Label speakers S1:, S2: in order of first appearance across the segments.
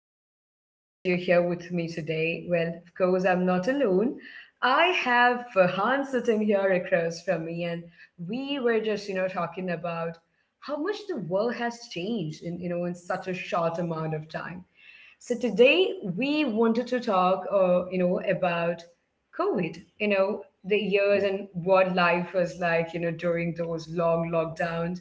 S1: so glad that you're here with me today. Well, of course, I'm not alone. I have Farhan sitting here across from me, and we were just, talking about how much the world has changed in such a short amount of time. So today we wanted to talk, about COVID. The
S2: Mm,
S1: years and what life was like, during those long lockdowns.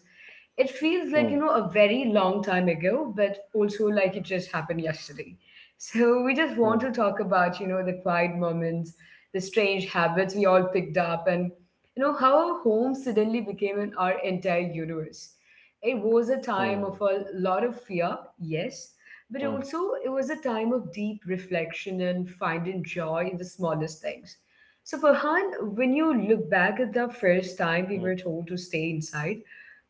S1: It feels like
S2: mm,
S1: a very long time ago, but also like it just happened yesterday. So we just
S2: mm,
S1: want to talk about the quiet moments, the strange habits we all picked up, and how our home suddenly became our entire universe. It was a time
S2: mm,
S1: of a lot of fear, yes, but
S2: mm,
S1: also it was a time of deep reflection and finding joy in the smallest things. So, Farhan, when you look back at the first time we
S2: mm,
S1: were told to stay inside,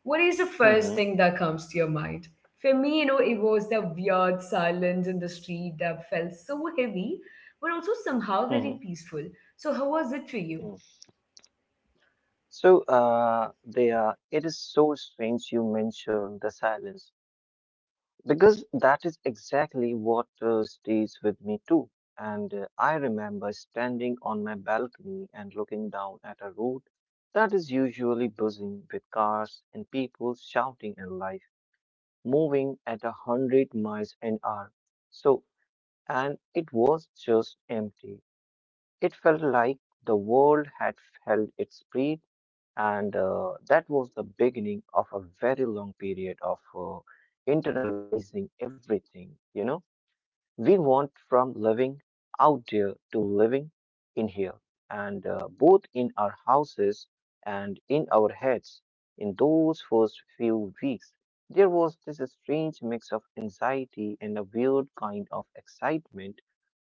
S1: what is the
S2: mhm,
S1: first thing that comes to your mind? For me, it was the weird silence in the street that felt so heavy, but also somehow very
S2: mhm,
S1: peaceful. So, how was it for you?
S2: mm. It is so strange you mention the silence because that is exactly what stays with me too. And I remember standing on my balcony and looking down at a road that is usually buzzing with cars and people shouting and life moving at a hundred miles an hour. So, and it was just empty. It felt like the world had held its breath, and that was the beginning of a very long period of internalizing everything, you know, we want from living out there to living in here, and both in our houses and in our heads. In those first few weeks, there was this strange mix of anxiety and a weird kind of excitement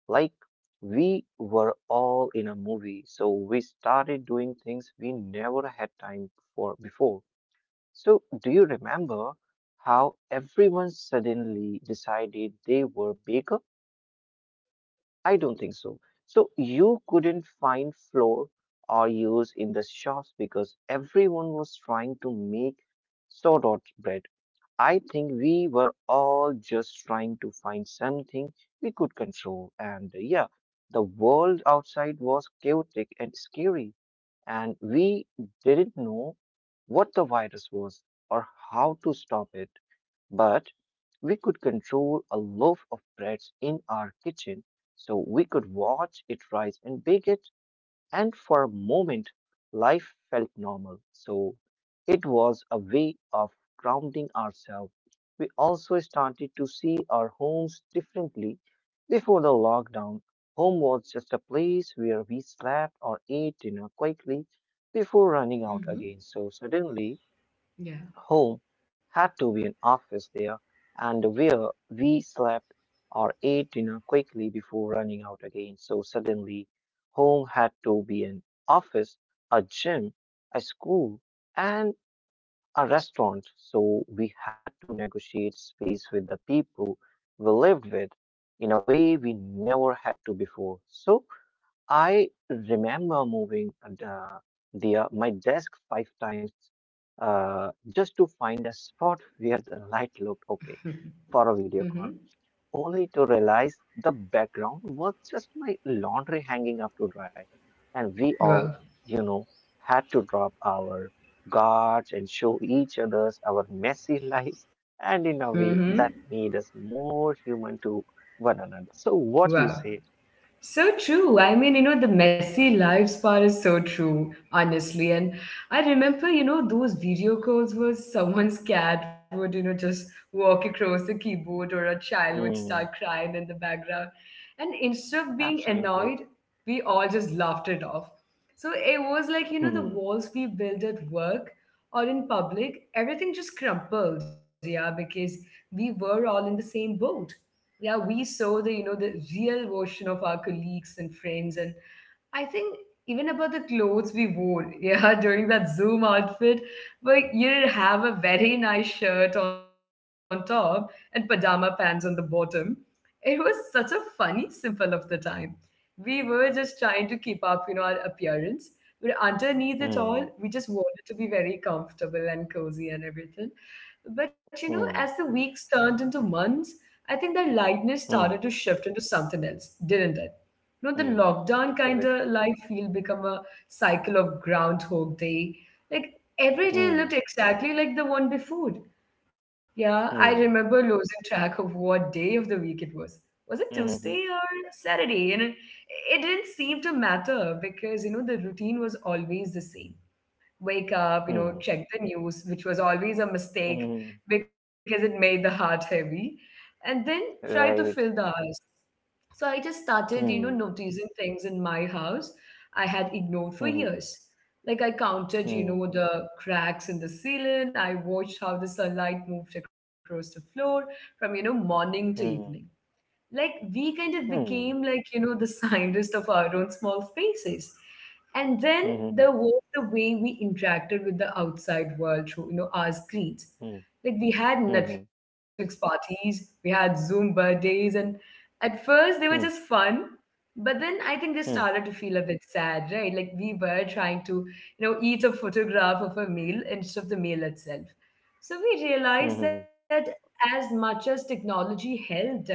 S2: like we were all in a movie, so we started doing things we never had time for before. So, do you remember how everyone suddenly decided they were baker? I don't think so. So, you couldn't find flour or use in the shops because everyone was trying to make sourdough bread. I think we were all just trying to find something we could control. And yeah, the world outside was chaotic and scary, and we didn't know what the virus was or how to stop it. But we could control a loaf of bread in our kitchen, so we could watch it rise and bake it. And for a moment, life felt normal. So it was a way of grounding ourselves. We also started to see our homes differently. Before the lockdown, home was just a place where we slept or ate dinner quickly before running out again.
S1: Mm-hmm.
S2: So suddenly,
S1: Yeah.
S2: home had to be an office there, and where we slept or ate dinner quickly before running out again. So suddenly, home had to be an office, a gym, a school, and a restaurant. So we had to negotiate space with the people we lived with in a way we never had to before. So I remember moving the my desk five times just to find a spot where the light looked okay for a video
S1: Mm-hmm.
S2: call, only to realize the background was just my laundry hanging up to dry, and we
S1: Wow.
S2: all, you know, had to drop our guards and show each others our messy lives, and in a
S1: Mm-hmm.
S2: way that made us more human to one another. So, what you
S1: Wow.
S2: say?
S1: So true. I mean, the messy lives part is so true, honestly. And I remember, those video calls where someone's cat would, just walk across the keyboard, or a child would start
S2: Hmm,
S1: crying in the background. And instead of being annoyed,
S2: absolutely.
S1: we all just laughed it off. So it was like, the
S2: Hmm,
S1: walls we built at work or in public, everything just crumpled, yeah, because we were all in the same boat. Yeah, we saw the real version of our colleagues and friends. And I think even about the clothes we wore, yeah, during that Zoom outfit, where you did have a very nice shirt on top and pajama pants on the bottom. It was such a funny symbol of the time. We were just trying to keep up, our appearance. But underneath it all,
S2: hmm,
S1: we just wanted to be very comfortable and cozy and everything. But as the
S2: hmm,
S1: weeks turned into months, I think that lightness started
S2: hmm,
S1: to shift into something else, didn't it? The
S2: hmm.
S1: lockdown kind of
S2: Correct.
S1: life feel become a cycle of Groundhog Day. Like every day looked
S2: Hmm,
S1: exactly like the one before. Yeah, I
S2: hmm,
S1: remember losing track of what day of the week it was. Was it
S2: hmm, hmm,
S1: Tuesday or Saturday? And it didn't seem to matter because, the routine was always the same. Wake up,
S2: hmm,
S1: check the news, which was always a
S2: hmm.
S1: mistake because it made the heart heavy, and then try to
S2: Right.
S1: fill the hours. So I just started,
S2: Hmm,
S1: noticing things in my house I had ignored for
S2: hmm,
S1: years. Like I counted,
S2: hmm,
S1: the cracks in the ceiling. I watched how the sunlight moved across the floor from, morning to
S2: hmm,
S1: evening. Like we kind of
S2: hmm,
S1: became like the scientists of our own small spaces. And then
S2: hmm,
S1: there was the way we interacted with the outside world through our screens.
S2: hmm, hmm,
S1: Like we had
S2: hmm, hmm, hmm,
S1: Netflix parties, we had Zoom birthdays, and at first they were just
S2: hmm.
S1: fun, but then I think they started to
S2: Hmm,
S1: feel a bit sad, right? Like we were trying to, eat a photograph of a meal instead of the meal itself. So we
S2: hmm,
S1: realized that
S2: hmm,
S1: as much as technology helped us,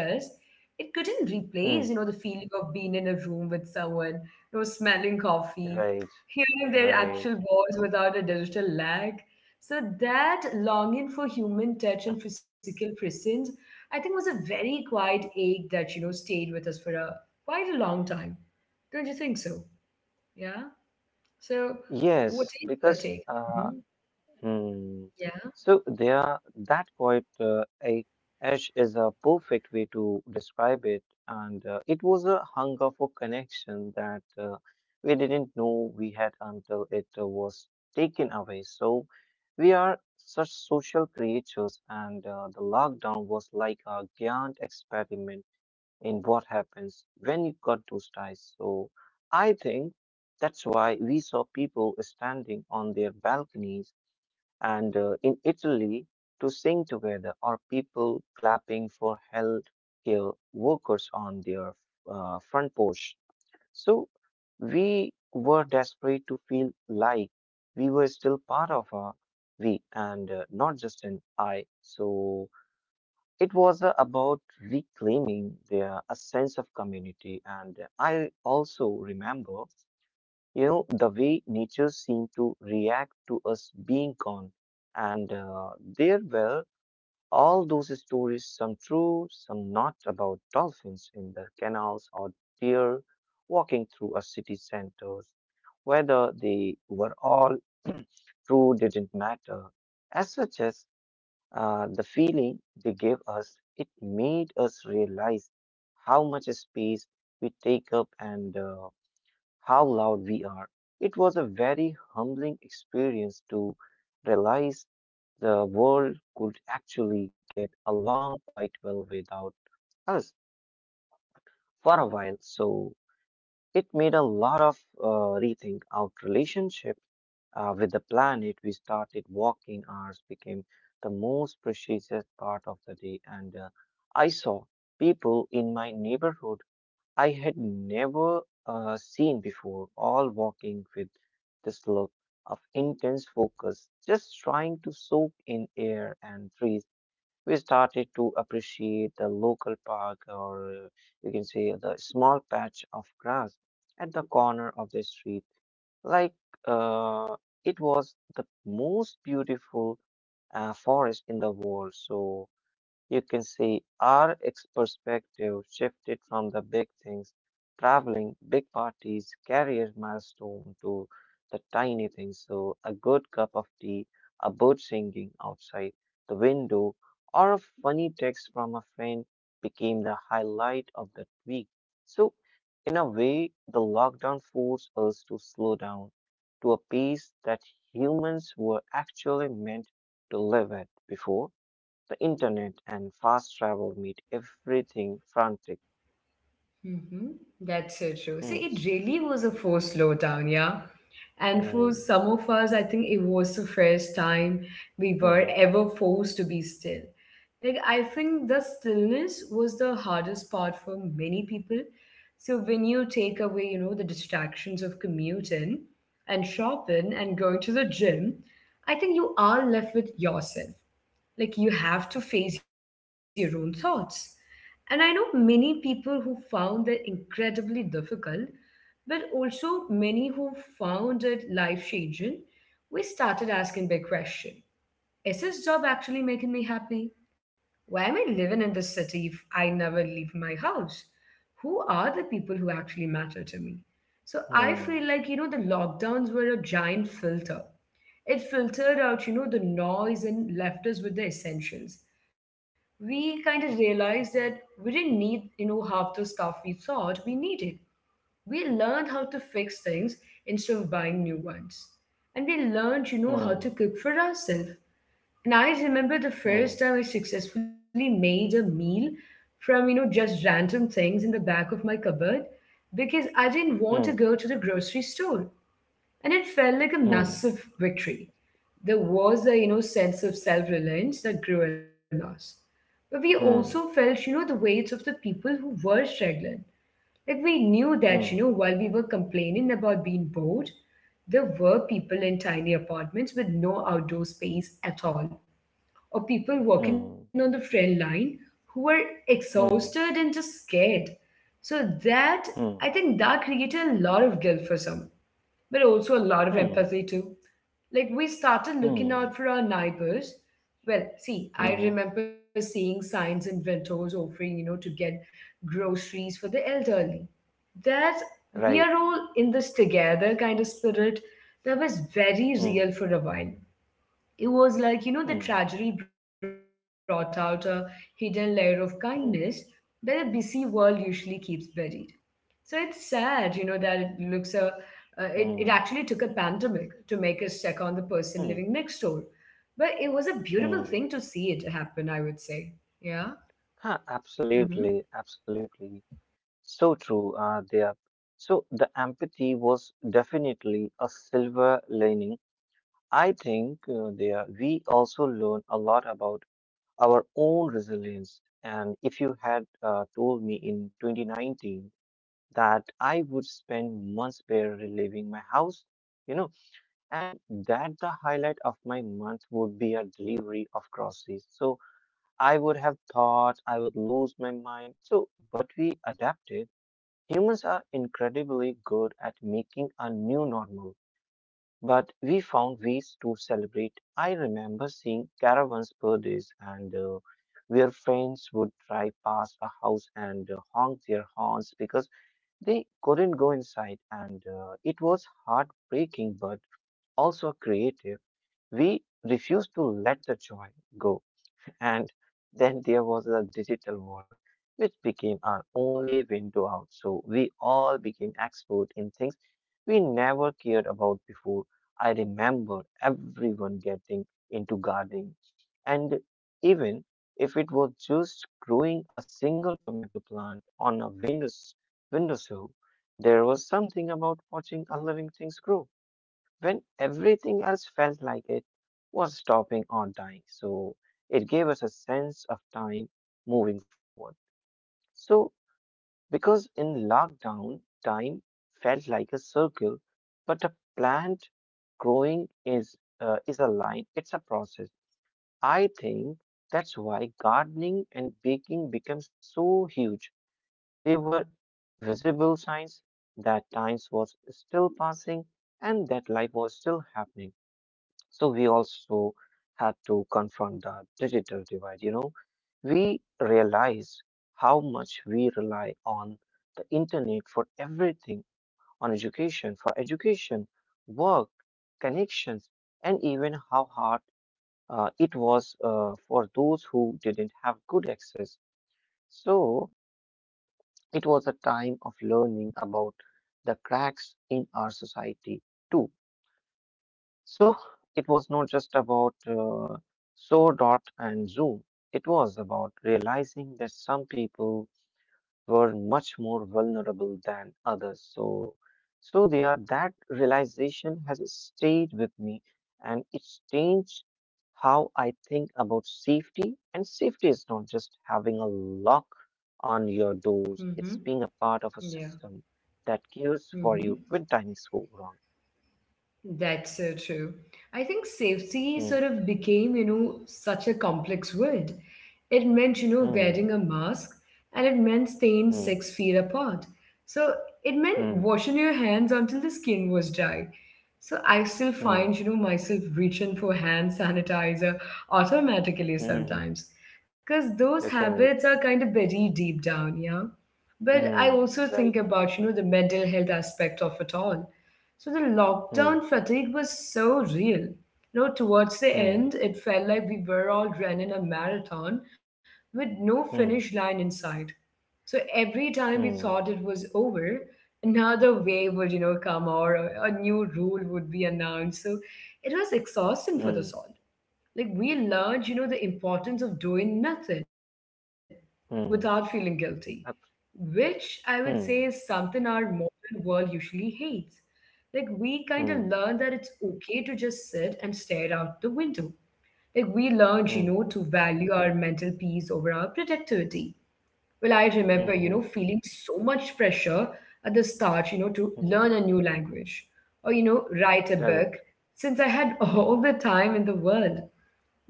S1: it couldn't replace,
S2: hmm.
S1: the feeling of being in a room with someone, smelling coffee,
S2: Right.
S1: hearing their actual
S2: Right.
S1: voice without a digital lag. So that longing for human touch and physical presence, I think, was a very quiet ache that stayed with us for a quite a long time. Don't you think so? Yeah. So,
S2: Yes,
S1: what is
S2: because
S1: your take? Mhm.
S2: hmm.
S1: Yeah.
S2: So there, that quiet ash is a perfect way to describe it, and it was a hunger for connection that we didn't know we had until it was taken away. So we are such social creatures, and the lockdown was like a giant experiment in what happens when you cut those ties. So I think that's why we saw people standing on their balconies and in Italy to sing together, or people clapping for healthcare workers on their front porch. So we were desperate to feel like we were still part of a we and not just an I. So it was about reclaiming their a sense of community. And I also remember, you know, the way nature seemed to react to us being gone. And there were all those stories, some true, some not, about dolphins in the canals or deer walking through a city centers. Whether they were all true didn't matter. As such as the feeling they gave us, it made us realize how much space we take up and how loud we are. It was a very humbling experience to realize the world could actually get along quite well without us for a while. So it made a lot of rethink our relationship with the planet. We started walking hours became the most precious part of the day, and I saw people in my neighborhood I had never seen before, all walking with this look of intense focus, just trying to soak in air and trees. We started to appreciate the local park, or you can say the small patch of grass at the corner of the street. Like uh, it was the most beautiful forest in the world. So you can see our ex perspective shifted from the big things, traveling, big parties, career milestone to the tiny things. So a good cup of tea, a bird singing outside the window, or a funny text from a friend became the highlight of the week. So in a way, the lockdown forced us to slow down to a pace that humans were actually meant to live at before. The internet and fast travel made everything frantic.
S1: Mm-hmm. That's so true. See,
S2: Hmm.
S1: it really was a forced slowdown, yeah. And for
S2: Hmm.
S1: some of us, I think it was the first time we were
S2: Hmm.
S1: ever forced to be still. Like, I think the stillness was the hardest part for many people. So, when you take away, the distractions of commuting and shopping and going to the gym, I think you are left with yourself. Like you have to face your own thoughts, and I know many people who found it incredibly difficult, but also many who found it life changing. We started asking big question. Is this job actually making me happy? Why am I living in this city if I never leave my house? Who are the people who actually matter to me? So I feel like the lockdowns were a giant filter. It filtered out, the noise, and left us with the essentials. We kind of realized that we didn't need, half the stuff we thought we needed. We learned how to fix things instead of buying new ones. And we learned, how to
S2: Hmm.
S1: cook for ourselves. And I remember the
S2: Hmm.
S1: first time I successfully made a meal from, just random things in the back of my cupboard because I didn't want to
S2: Hmm.
S1: go to the grocery store, and it felt like a
S2: Hmm.
S1: massive victory. There was a sense of self-reliance that grew in us, but we also felt
S2: Hmm.
S1: the weight of the people who were struggling. Like we knew that,
S2: Hmm.
S1: while we were complaining about being bored, there were people in tiny apartments with no outdoor space at all, or people
S2: Hmm.
S1: working on the front line who were
S2: Hmm.
S1: exhausted and just scared. So that,
S2: Hmm.
S1: I think, that created a lot of guilt for some, but also a
S2: Hmm.
S1: lot of
S2: Hmm.
S1: empathy too. Like we started
S2: Hmm.
S1: looking out for our neighbors. Well, see,
S2: Hmm.
S1: I remember seeing signs in windows offering, to get groceries for the elderly. That we
S2: Right.
S1: are all in this together kind of spirit, that was very
S2: Hmm.
S1: real for a while. It was like, the
S2: Hmm.
S1: tragedy brought out a hidden layer of kindness that a
S2: Hmm.
S1: busy world usually keeps buried. So it's sad, that it it actually took
S2: Hmm.
S1: a pandemic to make us check on the person living
S2: Hmm.
S1: next door. But it was a beautiful thing to
S2: Hmm.
S1: see it happen, I would say. Yeah.
S2: Huh,
S1: Mm hmm.
S2: absolutely, absolutely. So true, there. So the empathy was definitely a silver lining. I think there we also learn a lot about our own resilience. And if you had told me in 2019 that I would spend months barely leaving my house, you know, and that the highlight of my month would be a delivery of groceries. So I would have thought I would lose my mind. So, but we adapted. Humans are incredibly good at making a new normal, but we found ways to celebrate. I remember seeing caravans birthdays and where friends would drive past a house and honk their horns because they couldn't go inside and it was heartbreaking but also creative. We refused to let the joy go. And then there was the digital world, which became our only window out. So we all became expert in things we never cared about before. I remember everyone getting into gardening, and even if it was just growing a single tomato plant on a windowsill, there was something about watching a living things grow when everything else felt like it was stopping or dying. So it gave us a sense of time moving forward. So, because in lockdown, time felt like a circle, but a plant growing is a line. It's a process. I think that's why gardening and baking became so huge. They were visible signs that time was still passing and that life was still happening. So we also have to confront the digital divide. You know, we realize how much we rely on the internet for everything, on education, for education, work, connections, and even how hard it was for those who didn't have good access. So it was a time of learning about the cracks in our society too. So it was not just about so dot and zoom. It was about realizing that some people were much more vulnerable than others. So there that realization has stayed with me, and it's changed how I think about safety. And safety is not just having a lock on your doors;
S1: Mm
S2: it's
S1: hmm.
S2: being a part of a
S1: Yeah.
S2: system that cares
S1: Mm
S2: for
S1: hmm.
S2: you when things go wrong.
S1: That's so true. I think safety sort
S2: Hmm,
S1: of became, such a complex word. It meant,
S2: hmm,
S1: wearing a mask, and it meant staying
S2: hmm,
S1: 6 feet apart. So it meant
S2: hmm.
S1: washing your hands until the skin was dry. So I still find,
S2: Hmm.
S1: myself reaching for hand sanitizer automatically
S2: Mm-hmm.
S1: sometimes, because those
S2: Yeah,
S1: habits
S2: correct.
S1: are kind of buried deep down, yeah. But I
S2: Hmm.
S1: also think
S2: Right, right,
S1: about,
S2: right.
S1: the mental health aspect of it all. So the lockdown
S2: Hmm.
S1: fatigue was so real. Towards the
S2: Hmm.
S1: end, it felt like we were all running a marathon with no finish
S2: Hmm.
S1: line in sight. So every time we
S2: Hmm.
S1: thought it was over, another wave would, come, or a new rule would be announced. So it was exhausting for the
S2: Hmm.
S1: soul. Like we learned, the importance of doing nothing without feeling
S2: Hmm.
S1: guilty,
S2: Abs-
S1: which I would say is something
S2: Hmm.
S1: our modern world usually hates. Like we kind of learn
S2: Hmm.
S1: that it's okay to just sit and stare out the window. Like we learned,
S2: Hmm.
S1: to value our mental peace over our productivity. Well, I remember,
S2: Hmm. Hmm.
S1: feeling so much pressure at the start, to
S2: Hmm.
S1: learn a new language or, write a book,
S2: Correct.
S1: since I had all the time in the world.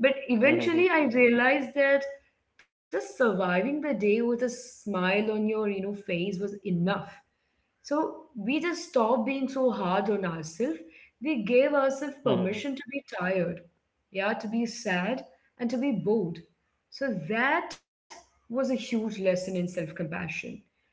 S1: But
S2: Hmm. Hmm.
S1: eventually I realized that just surviving the day with a smile on your, face was enough. So we just stopped being so hard on ourselves. We gave ourselves
S2: Hmm.
S1: permission to be tired, yeah, to be sad, and to be bored. So that was a huge lesson in self-compassion.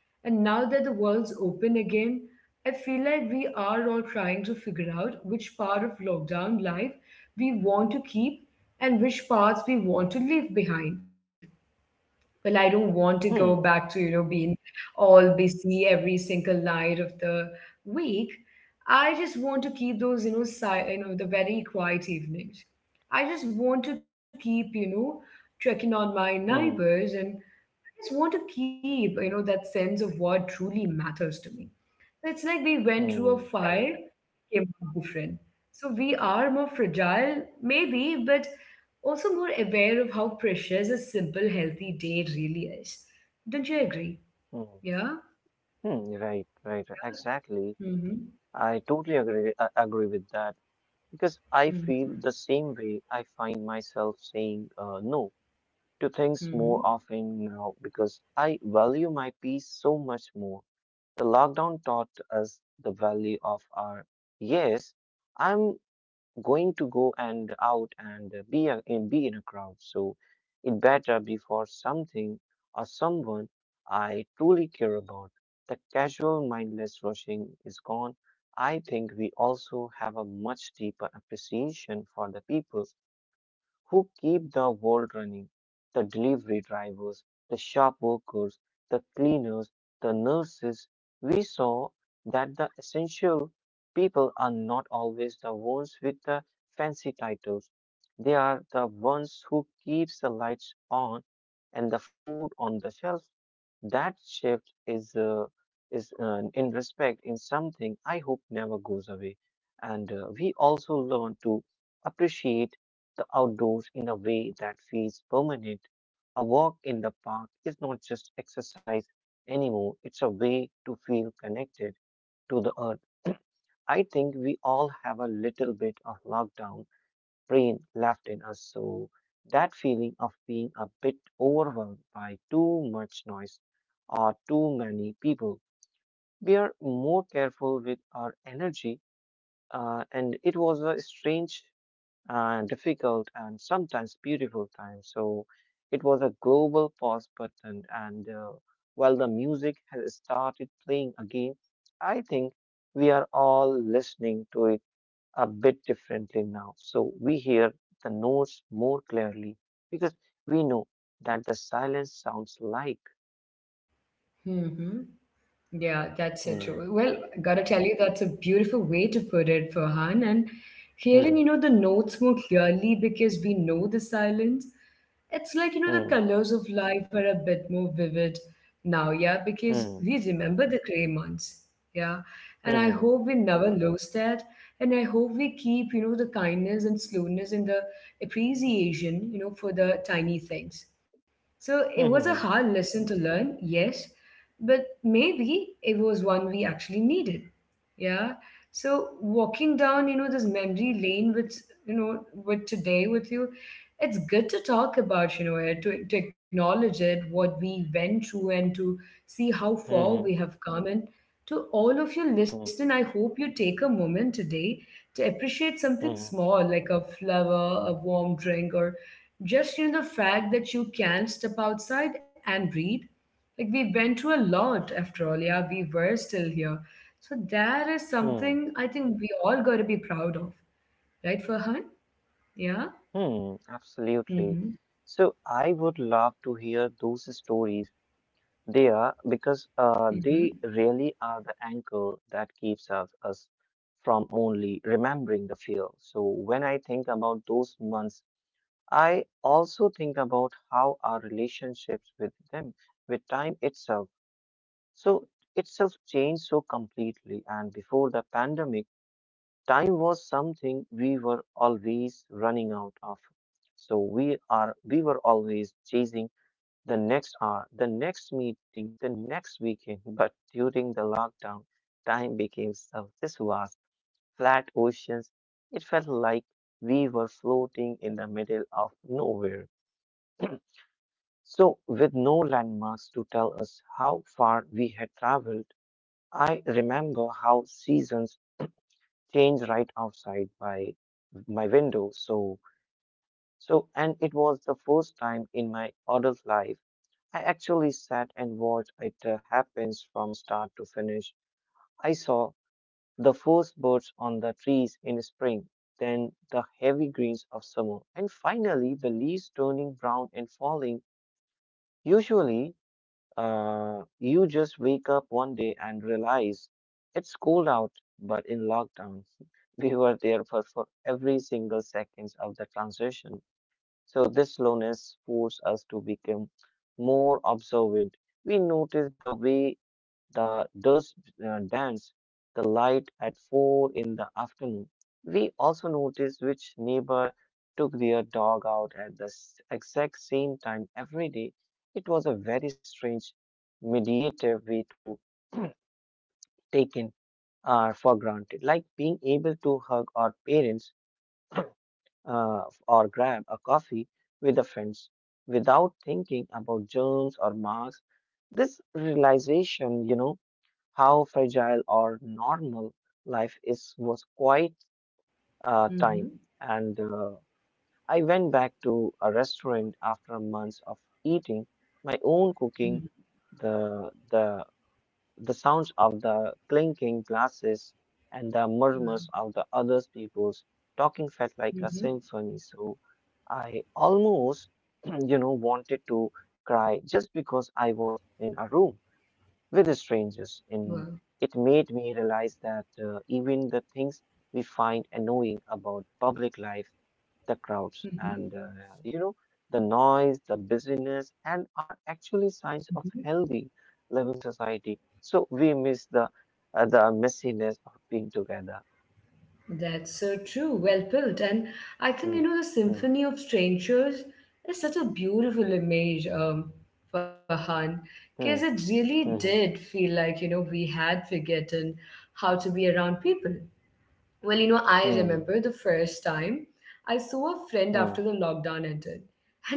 S1: And now that the world's open again, I feel like we are all trying to figure out which part of lockdown life we want to keep and which parts we want to leave behind. Well, I don't want to go
S2: Hmm.
S1: back to, being all busy every single night of the week. I just want to keep those, the very quiet evenings. I just want to keep, checking on my
S2: Hmm.
S1: neighbors, and I just want to keep, that sense of what truly matters to me. So it's like we went through a
S2: Hmm.
S1: fire,
S2: Correct.
S1: came out different. So we are more fragile, maybe, but also more aware of how precious a simple, healthy day really is. Don't you agree?
S2: Hmm.
S1: Yeah?
S2: Hmm. Right, right. Exactly.
S1: Mm-hmm.
S2: I totally agree. I agree with that because I feel
S1: Mm-hmm.
S2: the same way. I find myself saying no to things more
S1: Mm-hmm.
S2: often now because I value my peace so much more. The lockdown taught us the value of our yes, I'm going to go and out and be and be in a crowd. So it better be for something or someone I truly care about. The casual mindless rushing is gone. I think we also have a much deeper appreciation for the people who keep the world running, the delivery drivers, the shop workers, the cleaners, the nurses. We saw that the essential people are not always the ones with the fancy titles. They are the ones who keeps the lights on and the food on the shelf. That shift is in respect in something I hope never goes away. And we also learn to appreciate the outdoors in a way that feels permanent. A walk in the park is not just exercise anymore, it's a way to feel connected to the earth. I think we all have a little bit of lockdown brain left in us, so that feeling of being a bit overwhelmed by too much noise or too many people. We are more careful with our energy, and it was a strange and difficult and sometimes beautiful times. So it was a global pause button. And while the music has started playing again, I think we are all listening to it a bit differently now. So we hear the notes more clearly because we know that the silence sounds like.
S1: Mm-hmm. Yeah, that's so true.
S2: Hmm,
S1: Well, gotta tell you, that's a beautiful way to put it, Farhan. And hearing, you
S2: hmm,
S1: know, the notes more clearly because we know the silence, it's like, you know, the
S2: hmm,
S1: colors of life are a bit more vivid now, yeah, because
S2: hmm,
S1: we remember the gray months, yeah. And I
S2: hmm,
S1: hope we never lose that. And I hope we keep, you know, the kindness and slowness and the appreciation, you know, for the tiny things. So it
S2: hmm,
S1: was
S2: hmm,
S1: a
S2: hmm,
S1: hard lesson to learn, yes, but maybe it was one we actually needed. Yeah. So walking down, you know, this memory lane with, you know, with today with you, it's good to talk about, you know, it, to acknowledge it, what we went through, and to see how
S2: hmm,
S1: far
S2: hmm,
S1: we have come. And to all of you
S2: hmm, hmm,
S1: listening, I hope you take a moment today to appreciate something
S2: hmm,
S1: small like a flower, a warm drink, or just you know the fact that you can step outside and breathe like we went through a lot after all, yeah, we were still here. So that is
S2: hmm.
S1: something I think we all got to be proud of, right, Farhan? Yeah.
S2: Hmm, absolutely.
S1: Mm-hmm.
S2: So I would love to hear those stories. They are because
S1: Mm-hmm.
S2: they really are the anchor that keeps us from only remembering the fear. So when I think about those months, I also think about how our relationships with them, with time itself. So itself changed so completely. And before the pandemic, time was something we were always running out of. So we were always chasing the next hour, the next meeting, the next weekend. But during the lockdown, time became so this was flat oceans. It felt like we were floating in the middle of nowhere. So, with no landmarks to tell us how far we had traveled, I remember how seasons change right outside my window. So and it was the first time in my adult life I actually sat and watched it happens from start to finish. I saw the first birds on the trees in spring, then the heavy greens of summer, and finally the leaves turning brown and falling. Usually uh, you just wake up one day and realize it's cold out, but in lockdown, we were there for every single seconds of the transition. So this slowness forced us to become more observant. We noticed the way the does dance, the light at 4 in the afternoon. We also noticed which neighbor took their dog out at the exact same time every day. It was a very strange, meditative way to take in for granted, like being able to hug our parents uh, or grab a coffee with a friend without thinking about germs or marks. This realization, you know how fragile or normal life is was quite
S1: Mm-hmm.
S2: time. And I went back to a restaurant after months of eating my own
S1: Mm-hmm.
S2: cooking, the the the sounds of the clinking glasses and the
S1: Wow.
S2: murmurs of the other people's talking felt like a
S1: Mm-hmm.
S2: symphony. So I almost, wanted to cry just because I was in a room with
S1: Wow.
S2: strangers. And it made me realize that even the things we find annoying about public life, the crowds and,
S1: Mm-hmm.
S2: uh, you know, the noise, the busyness, and are actually
S1: Mm-hmm.
S2: signs of healthy living society. So we miss the messiness of being together.
S1: That's so true. Well put. And I think, you
S2: Hmm.
S1: know, the
S2: Hmm.
S1: Symphony of Strangers is such a beautiful image, Farhan,
S2: Hmm.
S1: because it really
S2: Hmm.
S1: did feel like, you know, we had forgotten how to be around people. Well, you know, I
S2: Hmm.
S1: remember the first time I saw a friend
S2: Hmm.
S1: after the lockdown ended.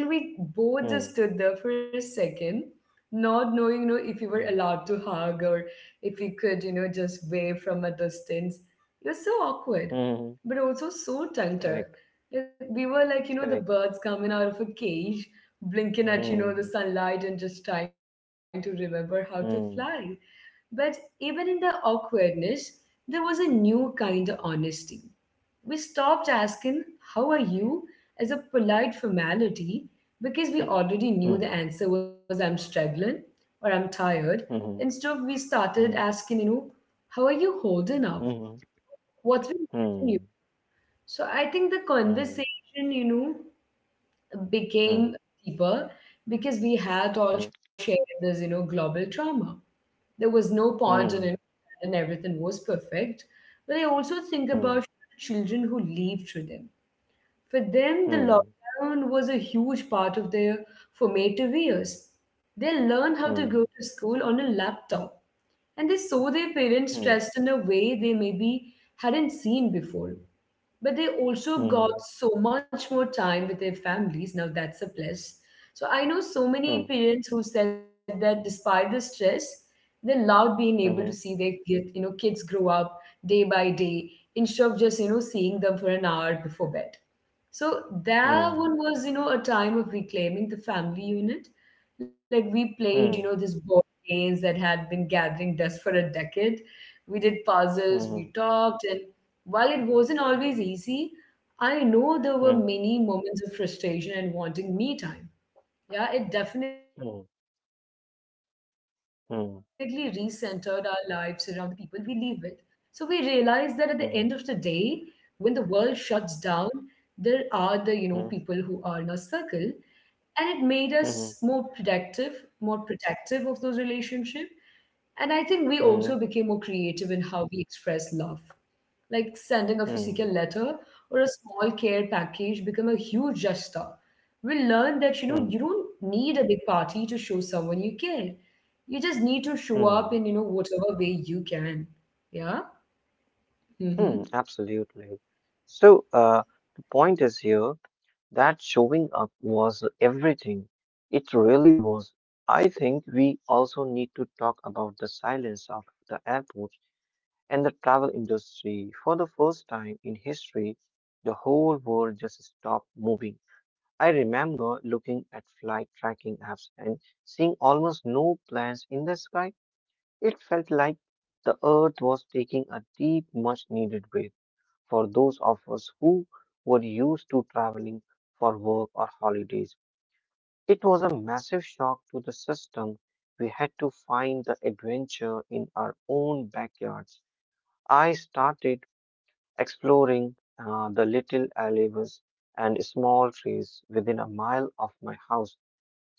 S1: And we
S2: Hmm.
S1: both
S2: Hmm.
S1: just stood there for a second, not knowing, you know, if we were
S2: Hmm.
S1: allowed to hug or if we could, you know, just wave from a distance. It was so awkward,
S2: Hmm.
S1: but also so
S2: Correct.
S1: tender. Like, we were like, you know, the
S2: Correct.
S1: birds coming out of a cage, blinking at, you know,
S2: Hmm.
S1: the sunlight and just trying to remember how to fly.
S2: Hmm.
S1: But even in the awkwardness, there was a new kind of honesty. We stopped asking, "How are you?" as a polite formality because we
S2: Hmm.
S1: already knew the
S2: Hmm.
S1: answer was, "I'm struggling or I'm tired."
S2: Hmm.
S1: Instead, we started
S2: Hmm.
S1: asking, you know, "How are you holding up?
S2: Hmm, hmm.
S1: What's been getting you?"
S2: Hmm,
S1: So I think the
S2: hmm,
S1: conversation, you know,
S2: hmm,
S1: became deeper because we had all
S2: hmm,
S1: shared this, you know, global trauma. There was no point in it,
S2: hmm,
S1: and everything was perfect. But I also think
S2: hmm,
S1: about children who lived through them. For them, the
S2: hmm,
S1: lockdown was a huge part of their formative years. They learned how to go
S2: hmm,
S1: to school on a laptop and they saw their parents
S2: hmm,
S1: stressed in a way they maybe hadn't seen before. But they also got
S2: hmm,
S1: so much more time with their families. Now that's a plus. So I know so many
S2: hmm,
S1: parents who said that despite the stress, they loved being able to see their
S2: mhm,
S1: kid, you know, kids grow up day by day instead of just, you know, seeing them for an hour before bed. So that one
S2: hmm,
S1: was, you know, a time of reclaiming the family unit. Like we played, you
S2: hmm,
S1: know, these board games that had been gathering dust for a decade. We did puzzles,
S2: mhm,
S1: we talked, and while it wasn't always easy, I know there were
S2: hmm,
S1: many moments of frustration and wanting me time. Yeah, it definitely
S2: hmm,
S1: recentered our lives around the people we
S2: hmm,
S1: live with. So we realize that at the end of the day, when the world
S2: mhm,
S1: shuts down, there are the, you know, people who are in our
S2: hmm,
S1: circle. And it made us more
S2: mhm,
S1: productive,
S2: mhm,
S1: more protective of those relationships. And I think we also became more creative in how we express love, like sending a physical letter
S2: hmm,
S1: or a small care package become a huge gesture. We learn that, you know, you
S2: hmm,
S1: don't need a big party to show someone you care. You just need to show up in,
S2: hmm,
S1: you know, whatever way you can. Yeah.
S2: hmm,
S1: Mm-hmm.
S2: absolutely. So, the point is here that showing up was everything. It really was. I think we also need to talk about the silence of the airport and the travel industry. For the first time in history, the whole world just stopped moving. I remember looking at flight tracking apps and seeing almost no planes in the sky. It felt like the earth was taking a deep, much needed breath for those of us who were used to traveling for work or holidays. It was a massive shock to the system. We had to find the adventure in our own backyards. I started exploring the little alleyways and small trees within a mile of my house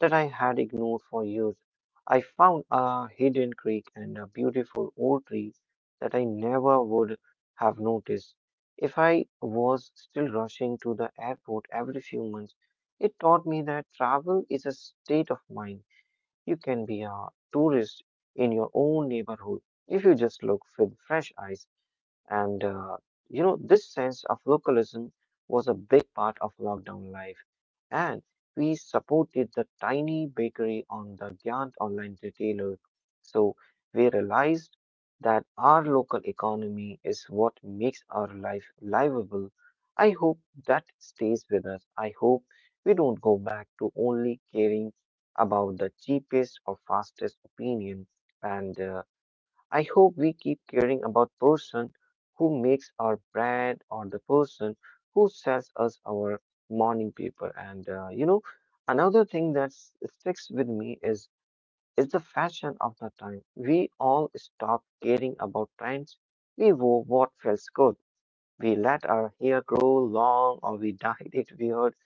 S2: that I had ignored for years. I found a hidden creek and a beautiful old tree that I never would have noticed. If I was still rushing to the airport every few months, it taught me that travel is a state of mind. You can be a tourist in your own neighborhood if you just look with fresh eyes. And this sense of localism was a big part of lockdown life. And we supported the tiny bakery on the Gyant online retailer. So we realized that our local economy is what makes our life livable. I hope that stays with us. I hope we don't go back to only caring about the cheapest or fastest opinion and I hope we keep caring about person who makes our bread or the person who sells us our morning paper. And another thing that sticks with me is the fashion of the time. We all stopped caring about trends. We wore what feels good. We let our hair grow long or we dyed it weird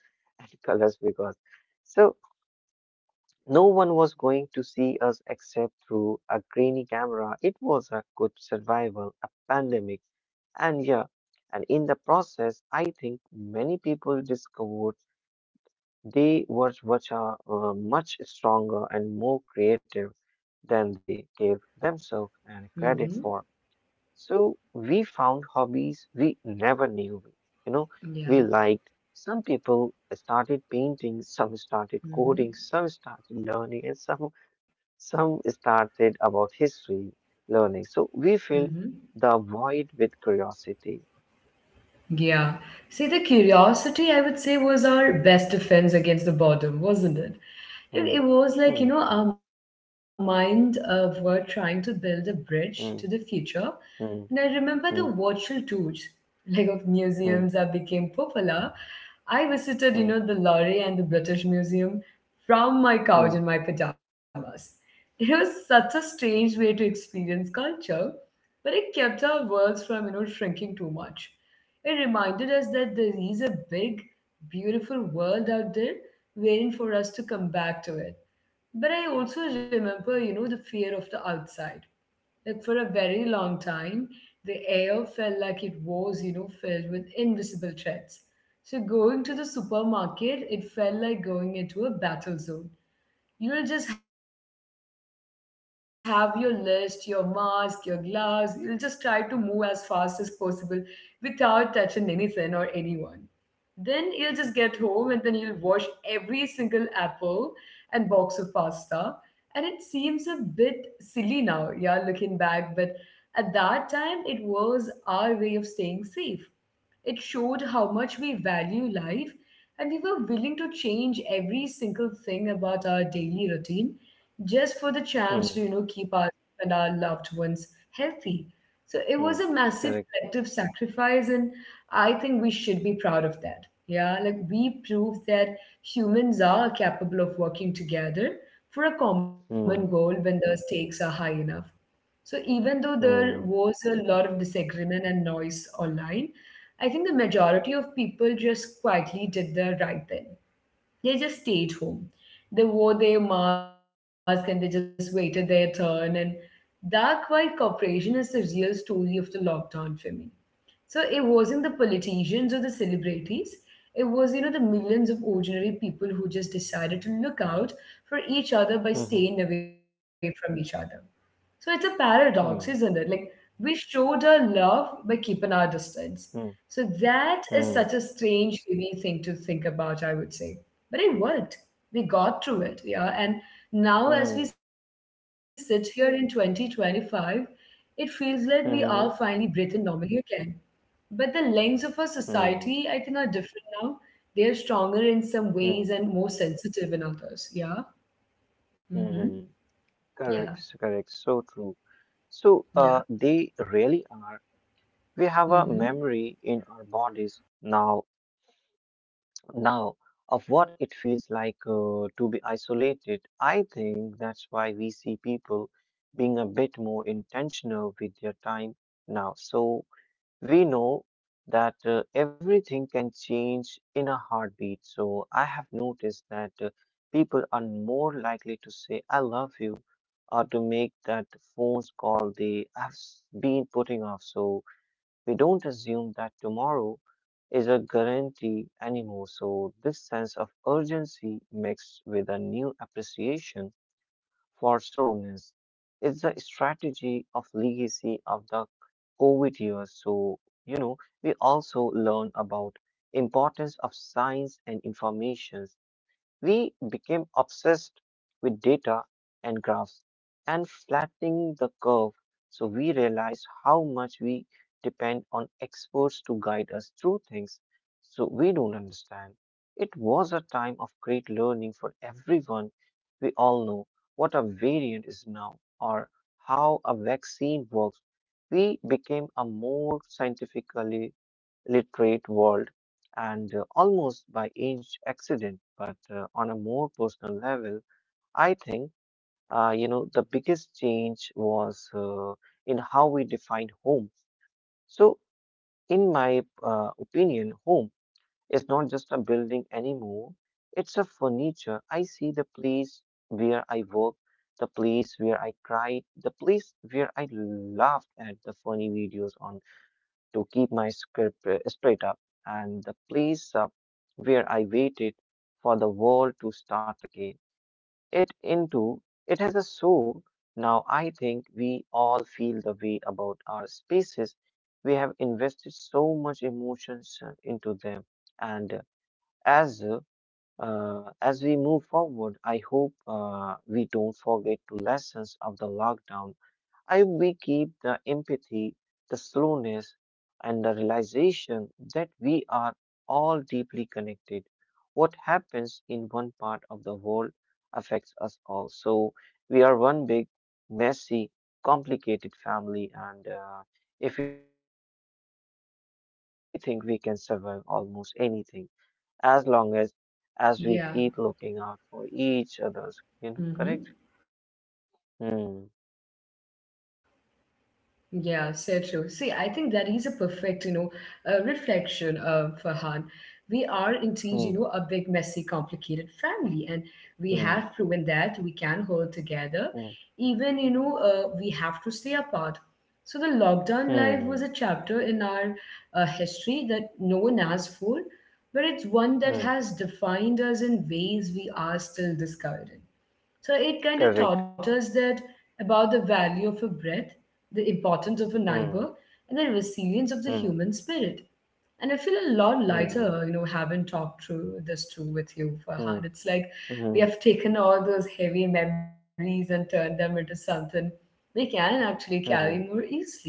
S2: and colors because. So no one was going to see us except through a grainy camera. It was a good survival, a pandemic. And yeah, and in the process, I think many people discovered they were much stronger and more creative than they gave themselves and credit for.
S1: Mm-hmm.
S2: So we found hobbies we never knew, you know, we liked.
S1: Yeah.
S2: Some people started painting, some started coding, some
S1: Mm-hmm.
S2: started learning, and some started about history learning. So we filled
S1: Mm-hmm.
S2: the void with curiosity.
S1: Yeah. See, the curiosity, I would say, was our best defense against the boredom, wasn't it?
S2: Hmm,
S1: It
S2: hmm,
S1: was like, you know, our mind of were trying to build a bridge to the
S2: hmm,
S1: future. And I
S2: hmm,
S1: remember the
S2: hmm,
S1: virtual tours, like of
S2: hmm,
S1: museums that became popular. I visited, you
S2: hmm,
S1: know, the Louvre and the British Museum from my
S2: hmm,
S1: couch in my pajamas. It was such a strange way to experience culture, but it kept our worlds from, you know, shrinking too much. It reminded us that there is a big, beautiful world out there waiting for us to come back to it. But I also remember, you know, the fear of the outside. Like for a very long time, the air felt like it was, you know, filled with invisible threats. So going to the supermarket, it felt like going into a battle zone. You'll just have your list, your mask, your gloves. You'll just try to move as fast as possible without touching anything or anyone. Then you'll just get home and then you'll wash every single apple and box of pasta. And it seems a bit silly now, yeah, looking back, but at that time it was our way of staying safe. It showed how much we value life and we were willing to change every single thing about our daily routine just for the chance to, you know,
S2: hmm,
S1: keep us and our loved ones healthy. So it was a
S2: hmm.
S1: massive
S2: Correct.
S1: collective sacrifice, and I think we should be proud of that. Yeah, like we proved that humans are capable of working together for a common goal
S2: Hmm,
S1: when the stakes are high enough. So even though there
S2: hmm,
S1: was a lot of disagreement and noise online, I think the majority of people just quietly did the right thing. They just stayed home. They wore their mask and they just waited their turn. And that quiet cooperation is the real story of the lockdown for me. So it wasn't the politicians or the celebrities. It was, you know, the millions of ordinary people who just decided to look out for each
S2: hmm,
S1: other by staying away from each other. So it's a paradox,
S2: hmm,
S1: isn't it? Like we showed our love by keeping our distance.
S2: hmm,
S1: So
S2: hmm,
S1: that
S2: hmm,
S1: is such a strange, heavy thing to think about, I would say. But it worked. We got through it, yeah. And now, as we sit here in 2025, it feels like we are
S2: hmm,
S1: finally breathing normally again. But the lengths of our
S2: hmm,
S1: society, I think, are different now. They are stronger in some
S2: hmm,
S1: ways and more sensitive in others. Yeah.
S2: hmm.
S1: Mm-hmm.
S2: Correct,
S1: Yeah.
S2: correct. So true. So they
S1: Yeah.
S2: really are. We have a memory in
S1: Mm-hmm.
S2: our bodies now of what it feels like to be isolated. I think that's why we see people being a bit more intentional with their time now. So we know that everything can change in a heartbeat. So I have noticed that people are more likely to say, I love you, or to make that phone call they have been putting off. So we don't assume that tomorrow is a guarantee anymore. So, this sense of urgency mixed with a new appreciation for slowness is the strategy of legacy of the COVID years. So, you know, we also learn about importance of science and information we became obsessed with data and graphs and flattening the curve, so we realized how much we depend on experts to guide us through things so we don't understand. It was a time of great learning for everyone. We all know what a variant is now or how a vaccine works. We became a more scientifically literate world and almost by each accident. But on a more personal level, I think, the biggest change was in how we define home. So, in my opinion, home is not just a building anymore, it's a furniture. I see the place where I work, the place where I cried, the place where I laughed at the funny videos on to keep my script straight up and the place up where I waited for the world to start again. It into it has a soul. Now I think we all feel the way about our spaces. We have invested so much emotions into them, and as uh, as we move forward, I hope we don't forget the lessons of the lockdown I we keep the empathy, the slowness, and the realization that we are all deeply connected. What happens in one part of the world affects us all. So we are one big, messy, complicated family. And if we can survive a global lockdown, I think we can survive almost anything as long as we
S1: Yeah.
S2: keep looking out for each other's. You know, correct?
S1: Mm-hmm.
S2: Hmm.
S1: Yeah, so true. See, I think that is a perfect, you know, reflection for Han. We are indeed, you know, a big, messy,
S2: Hmm.
S1: complicated family, and we have proven
S2: Hmm.
S1: that we can hold together,
S2: Hmm.
S1: even, you know, we have to stay apart. So the lockdown life was a
S2: Hmm.
S1: chapter in our history that no one asked for, but it's one that
S2: Mm,
S1: has defined us in ways we are still discovering. So it kind of
S2: correct.
S1: taught us that about the value of a breath, the importance of a
S2: Mm,
S1: neighbor, and the resilience of the
S2: mm,
S1: human spirit. And I feel a lot
S2: mm,
S1: lighter, you know, having talked through this too with you,
S2: mm,
S1: Farhan. It's like
S2: mm,
S1: we have taken all those heavy memories and turned them into something we can actually carry more
S2: mm,
S1: easily.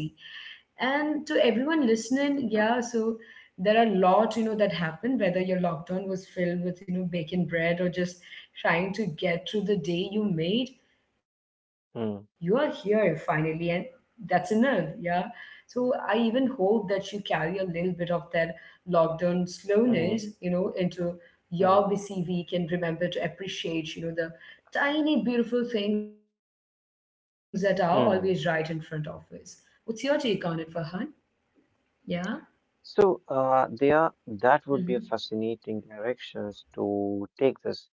S1: And to everyone listening, yeah, so there are a lot, you know, that happened, whether your lockdown was filled with, you know, baking bread or just trying to get through the day you made, you are here
S2: mm,
S1: finally, and that's enough, yeah. So I even hope that you carry a little bit of that lockdown
S2: mm,
S1: slowness, you know, into
S2: mm,
S1: your busy week and remember to appreciate, you know, the tiny beautiful things that are always right in front of
S2: mm.
S1: us. What's your take on it, Farhan? Yeah.
S2: So, there, that would be
S1: Mm-hmm.
S2: a fascinating directions to take this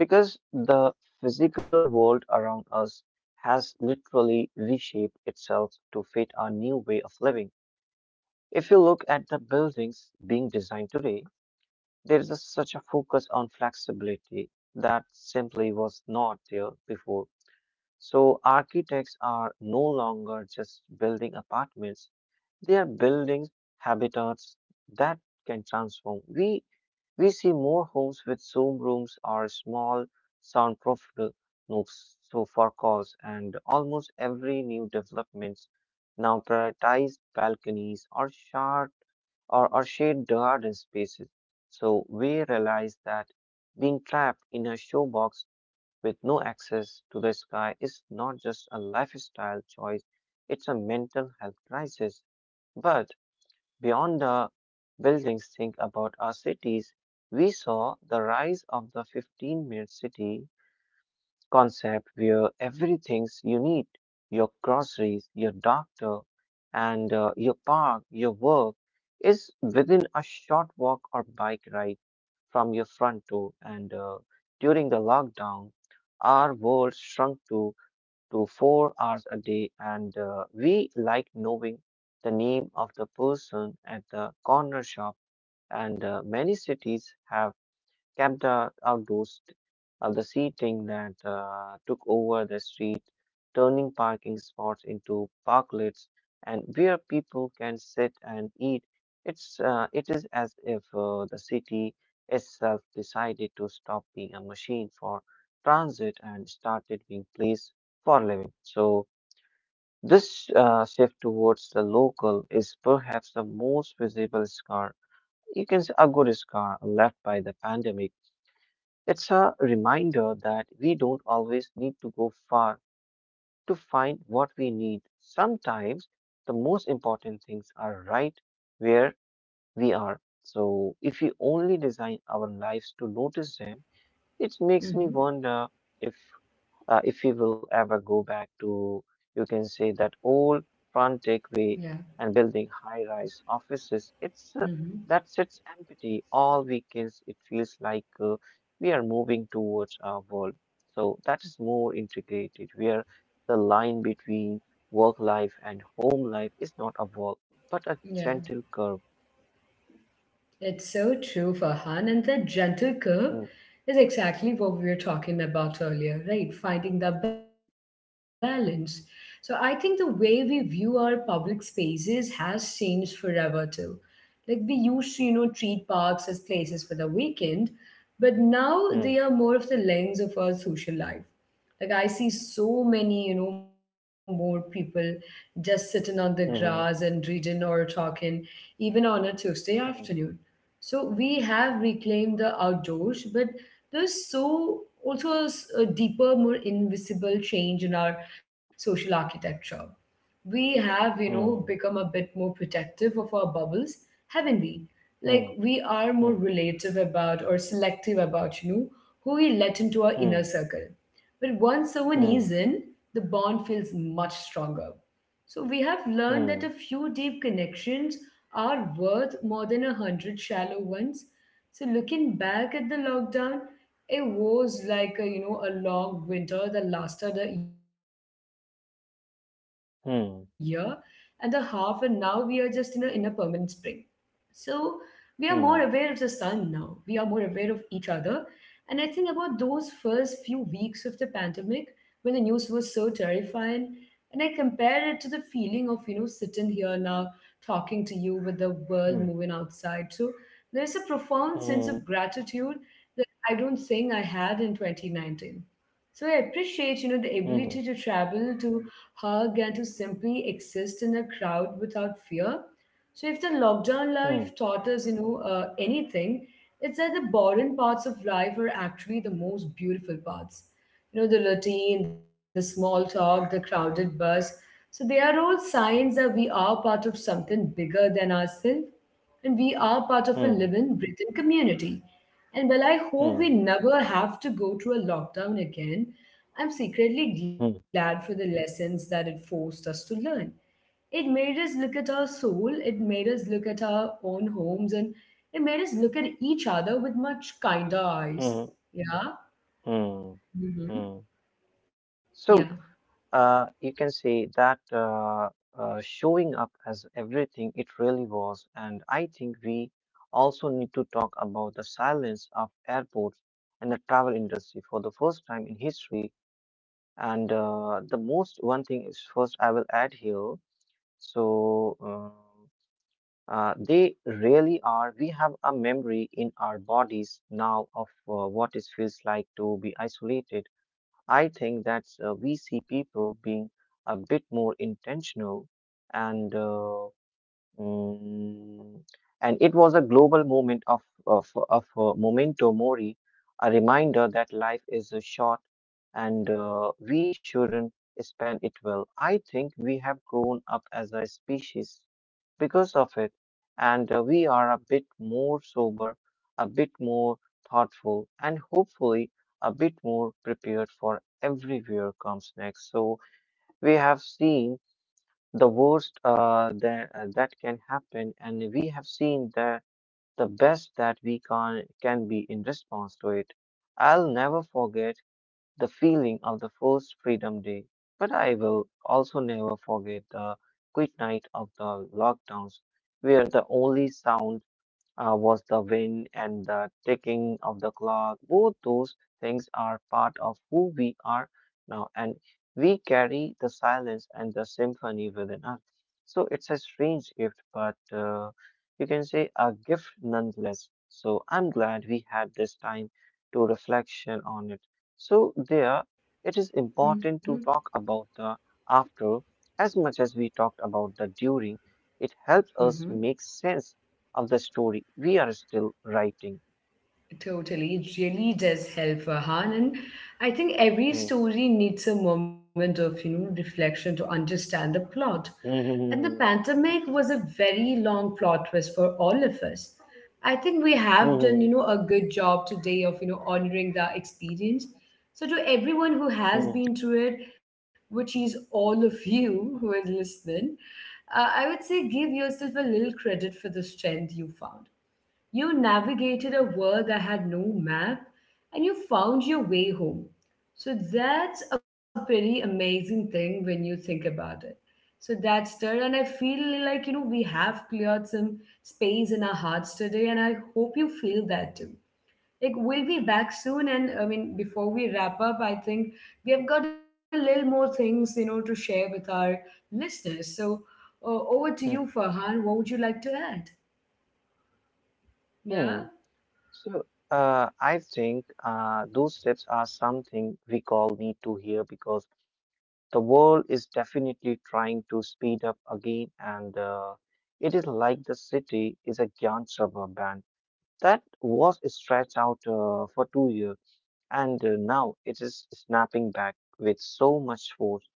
S2: because the physical world around us has literally reshaped itself to fit our new way of living. If you look at the buildings being designed today, there is such a focus on flexibility that simply was not there before. So architects are no longer just building apartments, they are building habitats that can transform. We see more homes with Zoom rooms or small soundproof nooks so for calls, and almost every new developments now prioritize balconies or shard or shade garden spaces. So we realize that being trapped in a showbox with no access to the sky is not just a lifestyle choice, it's a mental health crisis. But beyond the buildings, think about our cities. We saw the rise of the 15-minute city concept where everything's you need your groceries, your doctor, and your park, your work is within a short walk or bike ride from your front door. And during the lockdown, our world shrunk to 4 hours a day, and we like knowing the name of the person at the corner shop. And Many cities have kept outdoors of the seating that took over the street, turning parking spots into parklets and where people can sit and eat. It is as if the city itself decided to stop being a machine for transit and started being place for living. So this shift towards the local is perhaps the most visible scar. You can say a good scar left by the pandemic, it's a reminder that we don't always need to go far to find what we need. Sometimes the most important things are right where we are. So if we only design our lives to notice them, it makes me wonder
S1: Mm-hmm.
S2: if if we will ever go back to, you can say, that old
S1: Yeah.
S2: frantic way and building high-rise offices,
S1: Mm-hmm.
S2: it's that sits empty all weekends. It feels like we are moving towards our world. So that is more integrated, where the line between work life and home life is not a wall, but a gentle
S1: Yeah.
S2: curve.
S1: It's so true, Farhan. And that
S2: Hmm,
S1: gentle curve is exactly what we were talking about earlier, right? Finding the balance. So I think the way we view our public spaces has changed forever too. Like we used to, you know, treat parks as places for the weekend, but now
S2: hmm,
S1: they are more of the lens of our social life. Like I see so many, you know, more people just sitting on the grass
S2: hmm,
S1: and reading or talking, even on a Tuesday
S2: hmm,
S1: afternoon. So we have reclaimed the outdoors, but there's so also a deeper, more invisible change in our social architecture. We have, you know,
S2: hmm,
S1: become a bit more protective of our bubbles, haven't we? Like
S2: hmm,
S1: we are more
S2: hmm,
S1: relative about or selective about, you know, who we let into our
S2: hmm,
S1: inner circle, but once
S2: hmm,
S1: someone
S2: hmm,
S1: is in, the bond feels much stronger. So we have learned that a
S2: hmm,
S1: few deep connections are worth more than a hundred shallow ones. So looking back at the lockdown, it was like a you know a long winter that lasted a year and a half, and now we are just
S2: hmm,
S1: in a in
S2: hmm.
S1: a
S2: hmm.
S1: permanent spring. So we are more aware of the sun now. We are more aware of
S2: hmm,
S1: each other. And I think about those first few weeks of the pandemic when the news was so terrifying. And I compare it to the feeling of, sitting here now talking to you with the world moving
S2: hmm.
S1: outside. So there's a profound sense of
S2: Mhm,
S1: gratitude that I don't think I had in 2019. So I appreciate, the ability to
S2: mhm,
S1: travel, to hug, and to simply exist in a crowd without fear. So if the lockdown
S2: mhm,
S1: life taught us, anything, it's that the boring parts of life are actually the most beautiful parts. The routine, the small talk, the crowded bus. So they are all signs that we are part of something bigger than ourselves and we are part of a
S2: mhm,
S1: living, breathing community. And well, I
S2: mhm,
S1: hope we never have to go through a lockdown again. I'm
S2: mhm,
S1: secretly glad for the lessons that it forced us to learn. It made us look at our soul, it made us look at our own homes, and it made us look at each other with much kinder
S2: mhm,
S1: eyes. Yeah?
S2: mhm, mhm.
S1: Hmm.
S2: So
S1: Yeah.
S2: you can say that showing up as everything it really was, and I think we also need to talk about the silence of airports and the travel industry for the first time in history. And The most one thing is first I will add here. So. Uh, they really are. We have a memory in our bodies now of what it feels like to be isolated. I think that we see people being a bit more intentional, and uh, mm, and it was a global moment of memento mori, a reminder that life is short, and we shouldn't spend it well. I think we have grown up as a species because of it. And We are a bit more sober, a bit more thoughtful, and hopefully a bit more prepared for everywhere comes next. So we have seen the worst that can happen, and we have seen the best that we can be in response to it. I'll never forget the feeling of the first Freedom Day, but I will also never forget the quiet night of the lockdowns, where the only sound was the wind and the ticking of the clock. Both those things are part of who we are now, and we carry the silence and the symphony within us. So it's a strange gift, but you can say a gift nonetheless. So I'm glad we had this time to reflection on it. So there, it is important
S1: Mm-hmm.
S2: to talk about the after as much as we talked about the during. It helps us
S1: Mm-hmm.
S2: make sense of the story we are still writing.
S1: Totally. It really does help, Farhan. And I think every
S2: Hmm.
S1: story needs a moment of, reflection to understand the plot. And the
S2: Hmm.
S1: pandemic was a very long plot twist for all of us. I think we
S2: Hmm.
S1: have done,
S2: Hmm.
S1: a good job today of, honoring the experience. So to everyone who has
S2: Hmm.
S1: been through it, which is all of you who are listening, I would say give yourself a little credit for the strength you found. You navigated a world that had no map and you found your way home. So that's a pretty amazing thing when you think about it. So that's there, and I feel like we have cleared some space in our hearts today, and I hope you feel that too. Like we'll be back soon, and I mean before we wrap up, I think we have got a little more things to share with our listeners. So over to you,
S2: Hmm.
S1: Farhan. What would you like to add?
S2: hmm, hmm.
S1: Yeah.
S2: So, I think those steps are something we all need to hear because the world is definitely trying to speed up again, and it is like the city is a giant rubber band that was stretched out for 2 years, and now it is snapping back with so much force.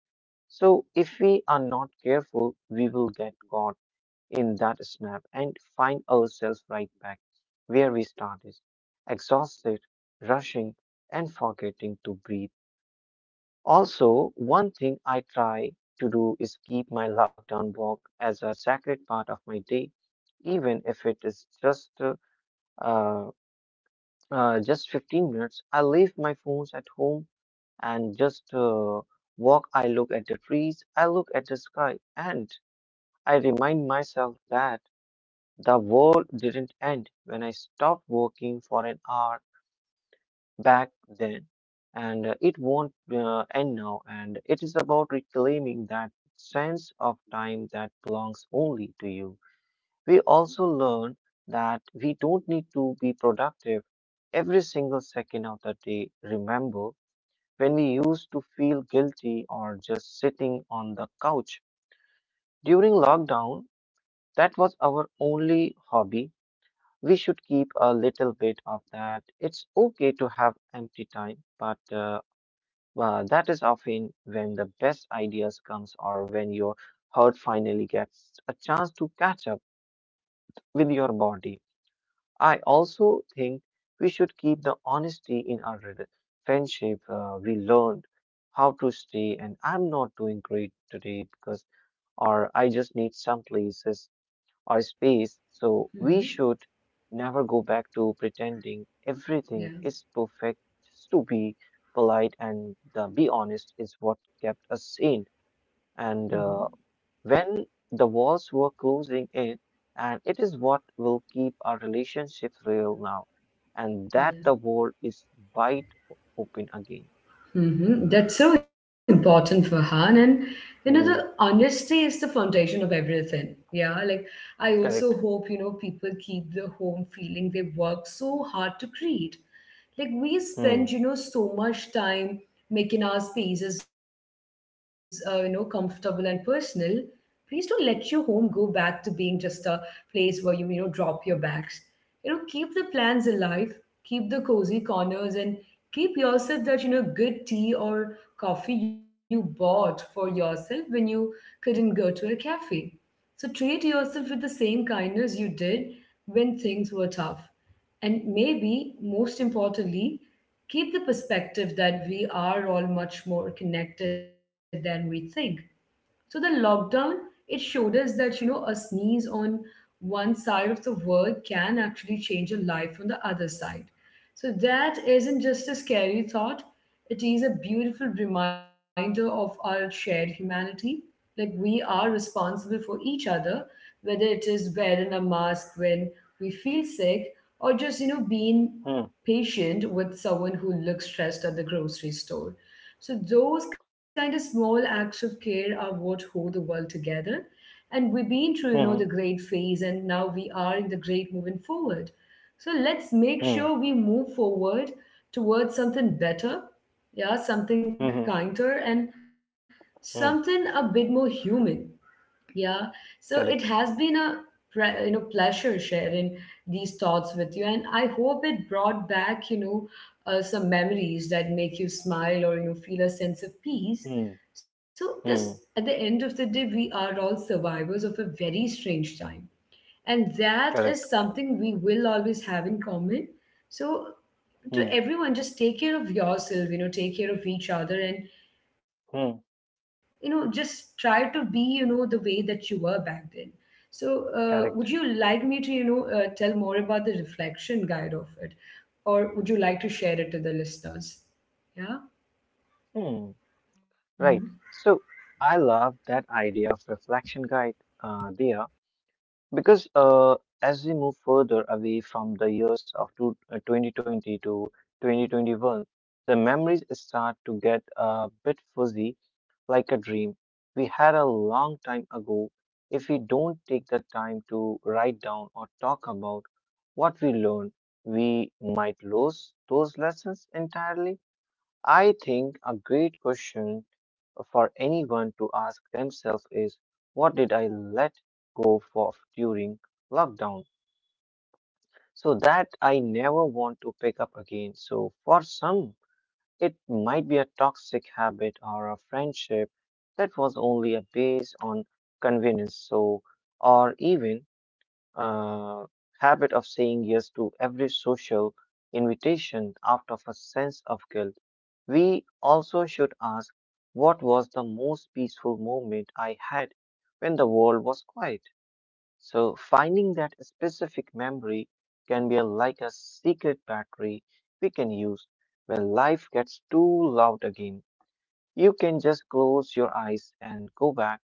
S2: So, if we are not careful, we will get caught in that snap and find ourselves right back where we started, exhausted, rushing, and forgetting to breathe. Also, one thing I try to do is keep my lockdown walk as a sacred part of my day, even if it is uh, just 15 minutes. I leave my phones at home and just walk. I look at the trees, I look at the sky, and I remind myself that the world didn't end when I stopped working for an hour back then, and it won't end now. And it is about reclaiming that sense of time that belongs only to you. We also learn that we don't need to be productive every single second of the day. Remember, when we used to feel guilty or just sitting on the couch during lockdown, that was our only hobby we should keep a little bit of that. It's okay to have empty time, but well, that is often when the best ideas comes or when your heart finally gets a chance to catch up with your body. I also think we should keep the honesty in our friendship. We learned how to stay, and I'm not doing great today because, or I just need some places or space, so we
S1: Mm-hmm.
S2: should never go back to pretending
S1: Yeah.
S2: everything is perfect just to be polite and the be honest is what kept us sane. And
S1: Mhm.
S2: When the walls were closing in, and it is what will keep our relationships real now, and that
S1: Yeah.
S2: the world is wide open again.
S1: Mhm. That's so important for her. And the
S2: Hmm,
S1: honesty is the foundation of everything. Yeah. Like I also
S2: Correct.
S1: hope, people keep the home feeling they work so hard to create. Like we
S2: Hmm.
S1: spend, so much time making our spaces, comfortable and personal. Please don't let your home go back to being just a place where you, drop your bags. Keep the plans alive, keep the cozy corners, and keep yourself that good tea or coffee you bought for yourself when you couldn't go to a cafe. So treat yourself with the same kindness you did when things were tough, and maybe most importantly, keep the perspective that we are all much more connected than we think. So the lockdown, it showed us that, a sneeze on one side of the world can actually change a life on the other side. So that isn't just a scary thought, it is a beautiful reminder of our shared humanity. Like we are responsible for each other, whether it is wearing a mask when we feel sick or just, being
S2: Hmm.
S1: patient with someone who looks stressed at the grocery store. So those kind of small acts of care are what hold the world together. And we've been through, the
S2: Hmm.
S1: great phase, and now we are in the great moving forward. So let's make
S2: Hmm. Hmm.
S1: sure we move forward towards something better, yeah, something
S2: Hmm. hmm,
S1: kinder and something a
S2: hmm,
S1: bit more human. Yeah, so it has
S2: Correct.
S1: been a pleasure sharing these thoughts with you, and I hope it brought back some memories that make you smile or feel a sense of peace.
S2: Hmm.
S1: So, because at the
S2: Hmm.
S1: end of the day, we are all survivors of a very strange time, and that is
S2: Correct.
S1: something we will always have in common. So, to
S2: Hmm.
S1: everyone, just take care of yourself. Take care of each other, and
S2: Hmm.
S1: just try to be the way that you were back then. So would you like
S2: Correct.
S1: me to tell more about the reflection guide of it, or would you like to share it to the listeners? Yeah.
S2: Hmm. Right. So I love that idea of reflection guide, there, because as we move further away from the years of 2020 to 2021, the memories start to get a bit fuzzy, like a dream we had a long time ago. If we don't take the time to write down or talk about what we learned, we might lose those lessons entirely. I think a great question for anyone to ask themselves is, what did I let go of during lockdown so that I never want to pick up again? So, for some, it might be a toxic habit or a friendship that was only a based on convenience, so or even uh, habit of saying yes to every social invitation out of a sense of guilt. We also should ask, what was the most peaceful moment I had when the world was quiet. So, finding that specific memory can be like a secret battery we can use when life gets too loud again. You can just close your eyes and go back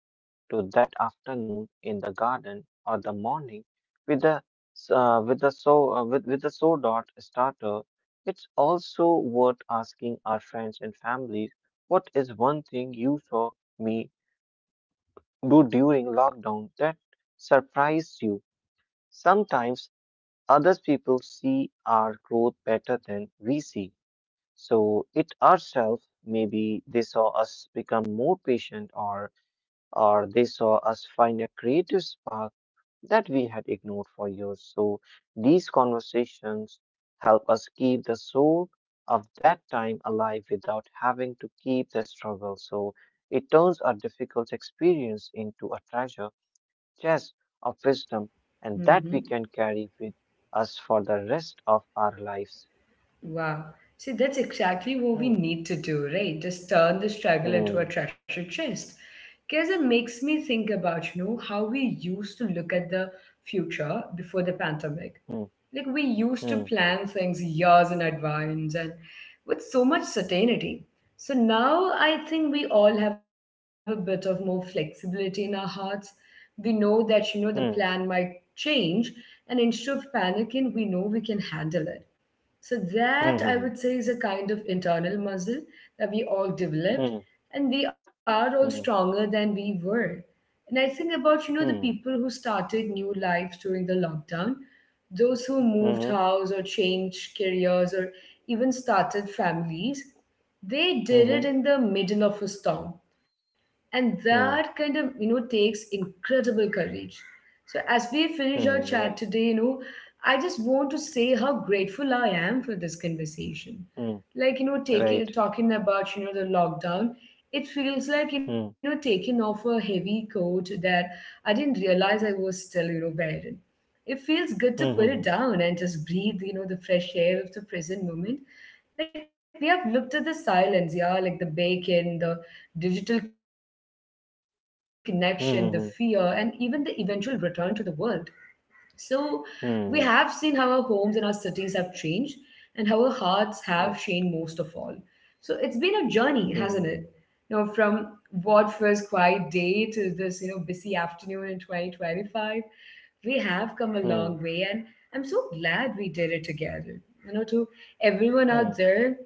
S2: to that afternoon in the garden or the morning with the with the so dot starter. It's also worth asking our friends and families, what is one thing you saw me do during lockdown that surprised you? Sometimes other people see our growth better than we see so it ourselves. Maybe they saw us become more patient or they saw us find a creative spark that we had ignored for years. So these conversations help us keep the soul of that time alive without having to keep the struggle. So it turns a difficult experience into a treasure chest of wisdom and
S1: Mm-hmm.
S2: that we can carry with us for the rest of our lives.
S1: Wow. See, that's exactly what we
S2: Hmm,
S1: need to do, right? Just turn the struggle into a
S2: hmm,
S1: treasure chest. Because it makes me think about, how we used to look at the future before the pandemic.
S2: hmm,
S1: Like we used to
S2: hmm,
S1: plan things years in advance and with so much certainty. So now I think we all have a bit of more flexibility in our hearts. We know that the
S2: hmm,
S1: plan might change, and instead of panicking, we know we can handle it. So that, I
S2: hmm,
S1: would say, is a kind of internal muscle that we all
S2: hmm,
S1: developed, and we are all
S2: hmm,
S1: stronger than we were. And I think about, the
S2: hmm,
S1: people who started new lives during the lockdown. Those who
S2: hmm,
S1: moved
S2: hmm,
S1: house or changed careers or even started families, they
S2: hmm,
S1: did
S2: hmm,
S1: it in the middle of a storm. And that
S2: hmm,
S1: kind of, takes incredible courage. So as we finish our
S2: hmm,
S1: chat
S2: Right.
S1: today, I just want to say how grateful I am for this conversation.
S2: Hmm.
S1: Like,
S2: Right.
S1: taking talking about, the lockdown, it feels like,
S2: Hmm.
S1: taking off a heavy coat that I didn't realize I was still, wearing. It feels good to
S2: Hmm. hmm,
S1: put it
S2: hmm.
S1: down and just breathe, the fresh air of the present moment. Like we have looked at the silence, yeah, like the bacon, the digital connection, the fear, and even the eventual return to the world. So we have seen how our homes and our cities have changed and how our hearts have changed most of all. So it's been a journey, hasn't it? From what first quiet day to this, busy afternoon in 2025, we have come a long
S2: うんうん、うん、うん、うん、うん、うん、うん。So
S1: way, and I'm so glad we did it together. To everyone out there,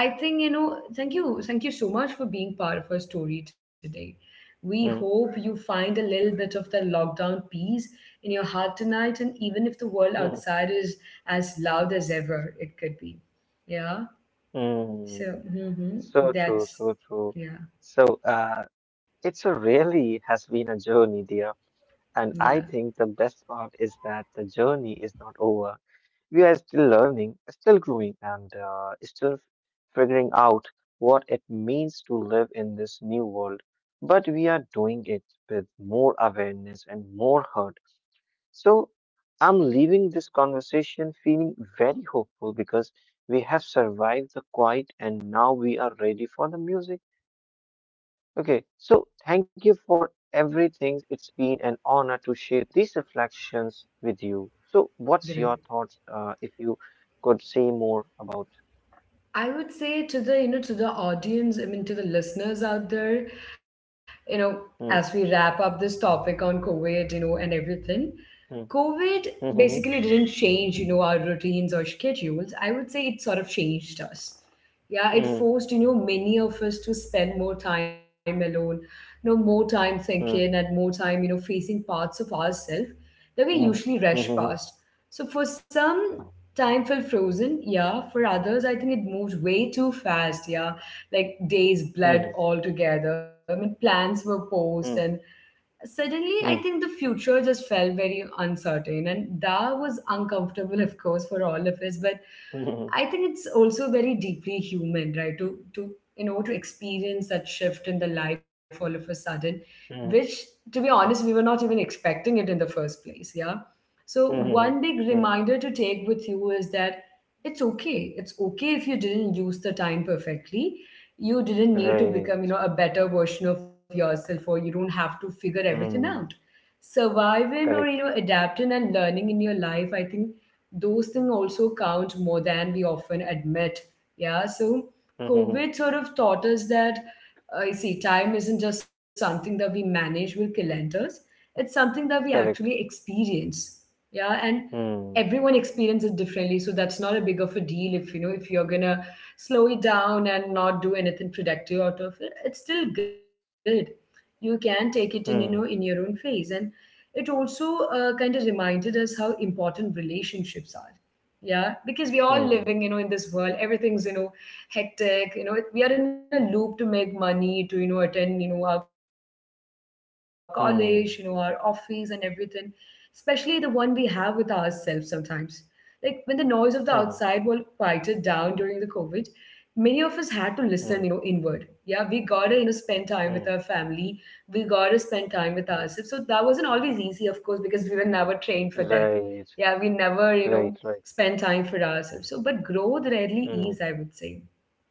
S1: I think, thank you. Thank you so much for being part of our story today. We hope you find a little bit of that lockdown peace in your heart tonight, and even if the world outside is as loud as ever, it could be. Yeah. So, hmm, that's,
S2: true.
S1: yeah,
S2: So, it's a really has been a journey, dear. And
S1: yeah.
S2: I think the best part is that the journey is not over. We are still learning, still growing, and still figuring out what it means to live in this new world. But we are doing it with more awareness and more heart. So I'm leaving this conversation feeling very hopeful because we have survived the quiet and now we are ready for the music. Okay, so thank you for
S1: hmm
S2: everything. It's been an honor to share these reflections with you. So, what's your
S1: Great.
S2: thoughts if you could say more about?
S1: I would say to the to the audience, I mean to the listeners out there, you know, as we wrap
S2: Hmm,
S1: up this topic on COVID, and everything,
S2: hmm,
S1: COVID basically
S2: hmm,
S1: didn't change, our routines or schedules. I would say it sort of changed us. Yeah, it
S2: hmm,
S1: forced many of us to spend more time alone, more time thinking
S2: hmm,
S1: and more time facing parts of ourselves that we
S2: hmm,
S1: usually rush
S2: hmm,
S1: past. So for some, time felt frozen. Yeah, for others, I think it moved way too fast. Yeah, like days
S2: hmm,
S1: bled all together. I mean, plans were paused,
S2: hmm,
S1: and suddenly
S2: hmm,
S1: I
S2: hmm,
S1: think the future just felt very uncertain, and that was uncomfortable of course for all of us. But
S2: hmm,
S1: I think it's also very deeply human, right, to to experience that shift in the life all of a sudden,
S2: hmm,
S1: which,
S2: hmm,
S1: to be honest, we were not even expecting it in the first place. Yeah, so one
S2: hmm,
S1: big
S2: hmm.
S1: reminder to take with you is that it's okay. It's okay if you didn't use the time perfectly. You didn't need to become
S2: Right.
S1: a better version of yourself, or you don't have to figure everything out.
S2: Hmm.
S1: Surviving or
S2: Correct.
S1: adapting and learning in your life, I think those things also count more than we often admit. Yeah, so COVID sort of taught us that, you see, time isn't just something that we manage with calendars, it's something that we actually
S2: Correct.
S1: experience. Yeah, and
S2: Hmm.
S1: everyone experiences it differently, so that's not a big of a deal if if you're gonna slow it down and not do anything productive out of it. It's still good. You can take it in in
S2: Hmm.
S1: your own phase. And it also kind of reminded us how important relationships are. Yeah, because we all
S2: Hmm.
S1: living in this world everything's hectic. We are in a loop to make money, to you Know, attend, you know, our college, you know, our office and
S2: Hmm.
S1: everything. Especially the one we have with ourselves sometimes, like when the noise of the outside world
S2: Hmm.
S1: quieted down during the COVID, many of us had to listen, you know,
S2: Hmm.
S1: inward. Yeah, we gotta, you know, spend time with our
S2: Hmm.
S1: family. We gotta spend time with
S2: Hmm.
S1: ourselves. So that wasn't always easy, of course, because we were never trained for that.
S2: Right.
S1: Yeah, we never
S2: Right. Right.
S1: spend time for ourselves. So, but growth
S2: Hmm.
S1: rarely is, I would say.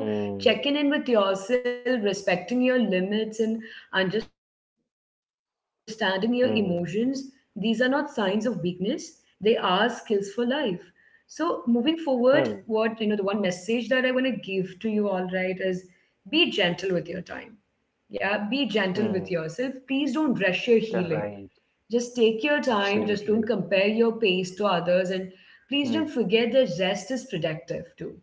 S1: So checking in with yourself, respecting your limits, and understanding your emotions, these are
S2: Hmm.
S1: not signs of weakness. They are skills for life. So, moving forward, what,
S2: Hmm.
S1: you know, the one message that I want to give to you all, right, is be gentle with your time. Yeah, be gentle with
S2: Hmm.
S1: yourself. Please don't rush your healing.
S2: Right.
S1: Just take your time. Just
S2: Absolutely.
S1: don't compare your pace to others. And please
S2: Hmm.
S1: don't forget that rest is productive too,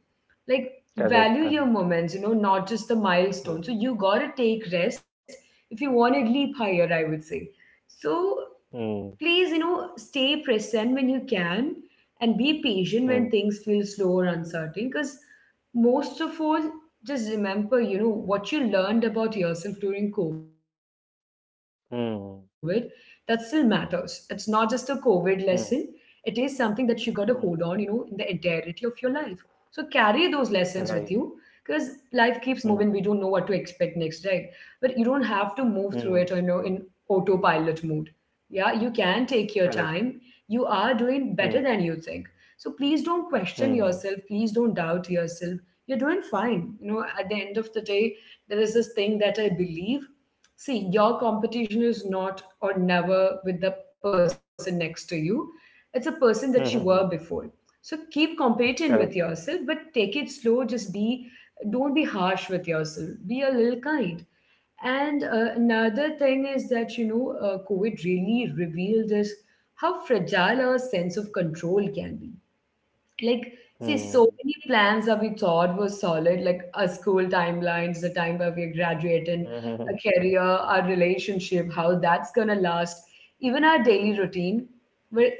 S1: like,
S2: Correct.
S1: value your
S2: Correct.
S1: moments, you know, not just the
S2: Hmm.
S1: milestone. So you got to take rest if you want to leap higher, I would say. So
S2: Hmm.
S1: please, you know, stay present when you can, and be patient when
S2: Hmm.
S1: things feel slow or uncertain, because most of all, just remember, you know, what you learned about yourself during COVID, that still matters. It's
S2: Hmm.
S1: not just a COVID lesson, it is something that you got to
S2: Hmm.
S1: hold on, you know, in the entirety of your
S2: Hmm.
S1: life. So carry those lessons with you, because
S2: Right.
S1: life keeps moving. We don't know what
S2: Hmm.
S1: to expect next, right? But you don't have to move through it, you
S2: Hmm.
S1: know, in autopilot mode. Yeah, you can take your
S2: Correct.
S1: time. You are doing better
S2: Hmm.
S1: than you think. So please don't question
S2: Hmm.
S1: yourself, please don't doubt yourself. You're doing fine, you know. At the end of the day, there is this thing that I believe, see, your competition is not or never with the person next to you. It's a person that you were
S2: Hmm.
S1: before. So keep competing with
S2: Correct.
S1: yourself, but take it slow. Just be, don't be harsh with yourself, be a little kind. And another thing is that, you know, COVID really revealed us how fragile our sense of control can be. Like, see,
S2: Hmm.
S1: so many plans that we thought were solid, like our school timelines, the time where we're graduating,
S2: Hmm.
S1: our career, our relationship, how that's gonna last, even our daily routine, were,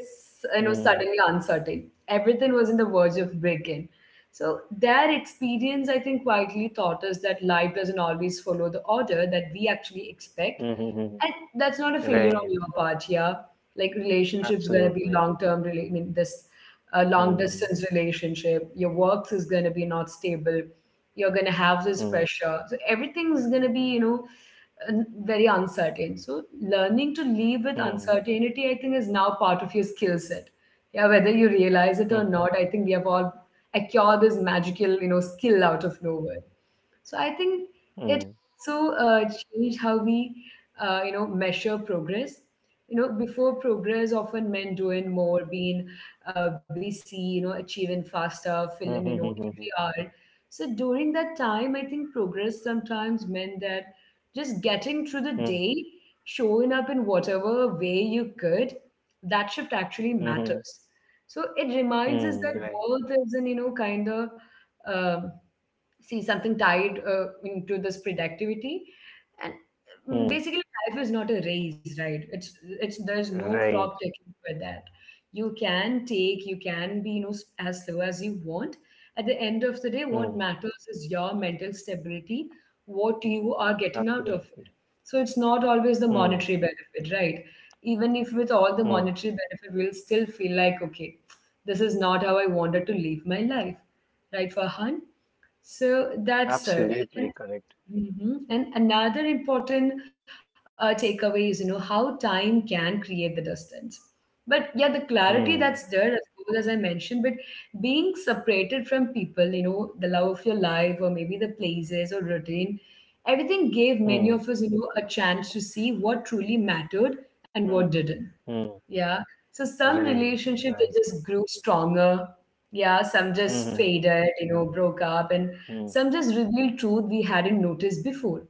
S1: you know,
S2: Hmm.
S1: suddenly uncertain. Everything was in the verge of breaking. So their experience, I think, quietly taught us that life doesn't always follow the order that we actually expect,
S2: Hmm. Hmm.
S1: and that's not a failure
S2: Right.
S1: on your part. Yeah, like, relationships gonna be
S2: Absolutely.
S1: long term, I mean, this a long
S2: Hmm.
S1: distance relationship, your work is going to be not stable, you're going to have this
S2: Hmm.
S1: pressure, so everything's going to be, you know, very uncertain. So learning to live with
S2: Hmm.
S1: uncertainty, I think, is now part of your skill set. Yeah, whether you realize it or
S2: Mm,
S1: not, I think we have all acquired this magical, you know, skill out of nowhere. So I think it,
S2: mm,
S1: so change how we you know, measure progress. You know, before, progress often meant doing more, being busy, you know, achieving faster, filling, you
S2: mm,
S1: know, every
S2: mm,
S1: hour. So during that time, I think progress sometimes meant that just getting through the
S2: mm,
S1: day, showing up in whatever way you could. That shift actually
S2: mm,
S1: matters. So it reminds us
S2: mm,
S1: that
S2: right,
S1: worth is an, you know, kind of um, see, something tied into this productivity. And mm,
S2: mm,
S1: basically, life is not a race, right? It's there's no
S2: right,
S1: clock ticking for that. You can take, you can be, you know, as slow as you want. At the end of the day, what
S2: mm,
S1: matters is your mental stability, what you are getting out of
S2: absolutely,
S1: it. So it's not always the
S2: mm,
S1: monetary benefit, right? Even if with all the
S2: mm,
S1: monetary benefit, we'll still feel like, okay, this is not how I wanted to live my life, right, Farhan? So that's it.
S2: absolutely
S1: And
S2: correct,
S1: mhm. And another important takeaway is, you know, how time can create the distance. But yeah, the clarity that's
S2: mm,
S1: there, of course, as I mentioned, but being separated from people, you know, the love of your life or maybe the places or routine, everything gave many
S2: mm,
S1: of us, you know, a chance to see what truly mattered and what
S2: mm,
S1: didn't.
S2: mm,
S1: Yeah. So some
S2: right,
S1: relationships, they
S2: right,
S1: just grew stronger. Yeah, some just
S2: mm,
S1: faded, you know, broke up, and
S2: mm,
S1: some just revealed truth we hadn't noticed before.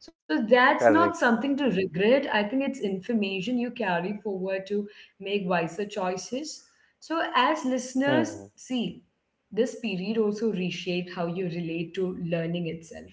S1: So that's not
S2: correct,
S1: something to regret. I think it's information you carry forward to make wiser choices. So as listeners,
S2: mm,
S1: see, this period also reshaped how you relate to learning itself.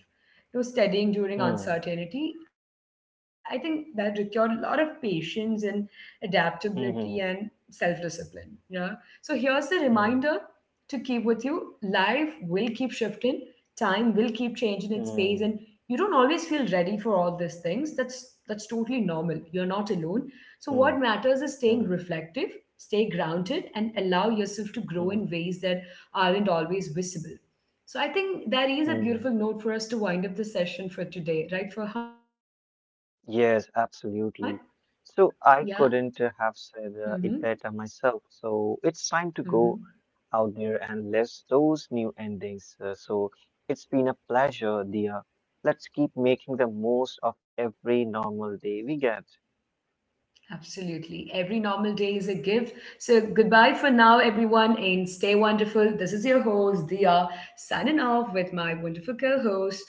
S1: You know, studying during
S2: mm,
S1: uncertainty, I think that required a lot of patience and adaptability and self
S2: mm,
S1: discipline. Yeah. So here's the reminder
S2: mm,
S1: to keep with you. Life will keep shifting, time will keep changing its pace, and you
S2: mm,
S1: don't always feel ready for all these things. That's totally normal. You're not alone. So what
S2: mm,
S1: matters is staying
S2: mm,
S1: reflective, stay grounded, and allow yourself to grow in
S2: mm,
S1: ways that aren't always visible. So I think that is a beautiful
S2: mm.
S1: note for us to wind up the session for today, right, Farhan? Yeah.
S2: Yes, absolutely. So I
S1: Mm-hmm.
S2: couldn't have said it better myself. So it's time to
S1: Mm-hmm.
S2: go out there and list those new endings. So it's been a pleasure, dear. Let's keep making the most of every normal day we get.
S1: Absolutely. Every normal day is a gift. So goodbye for now, everyone, and stay wonderful. This is your host, Dia, signing off with my wonderful co-host,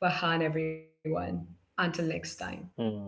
S1: Farhan, everyone. Until next time.
S2: Hmm.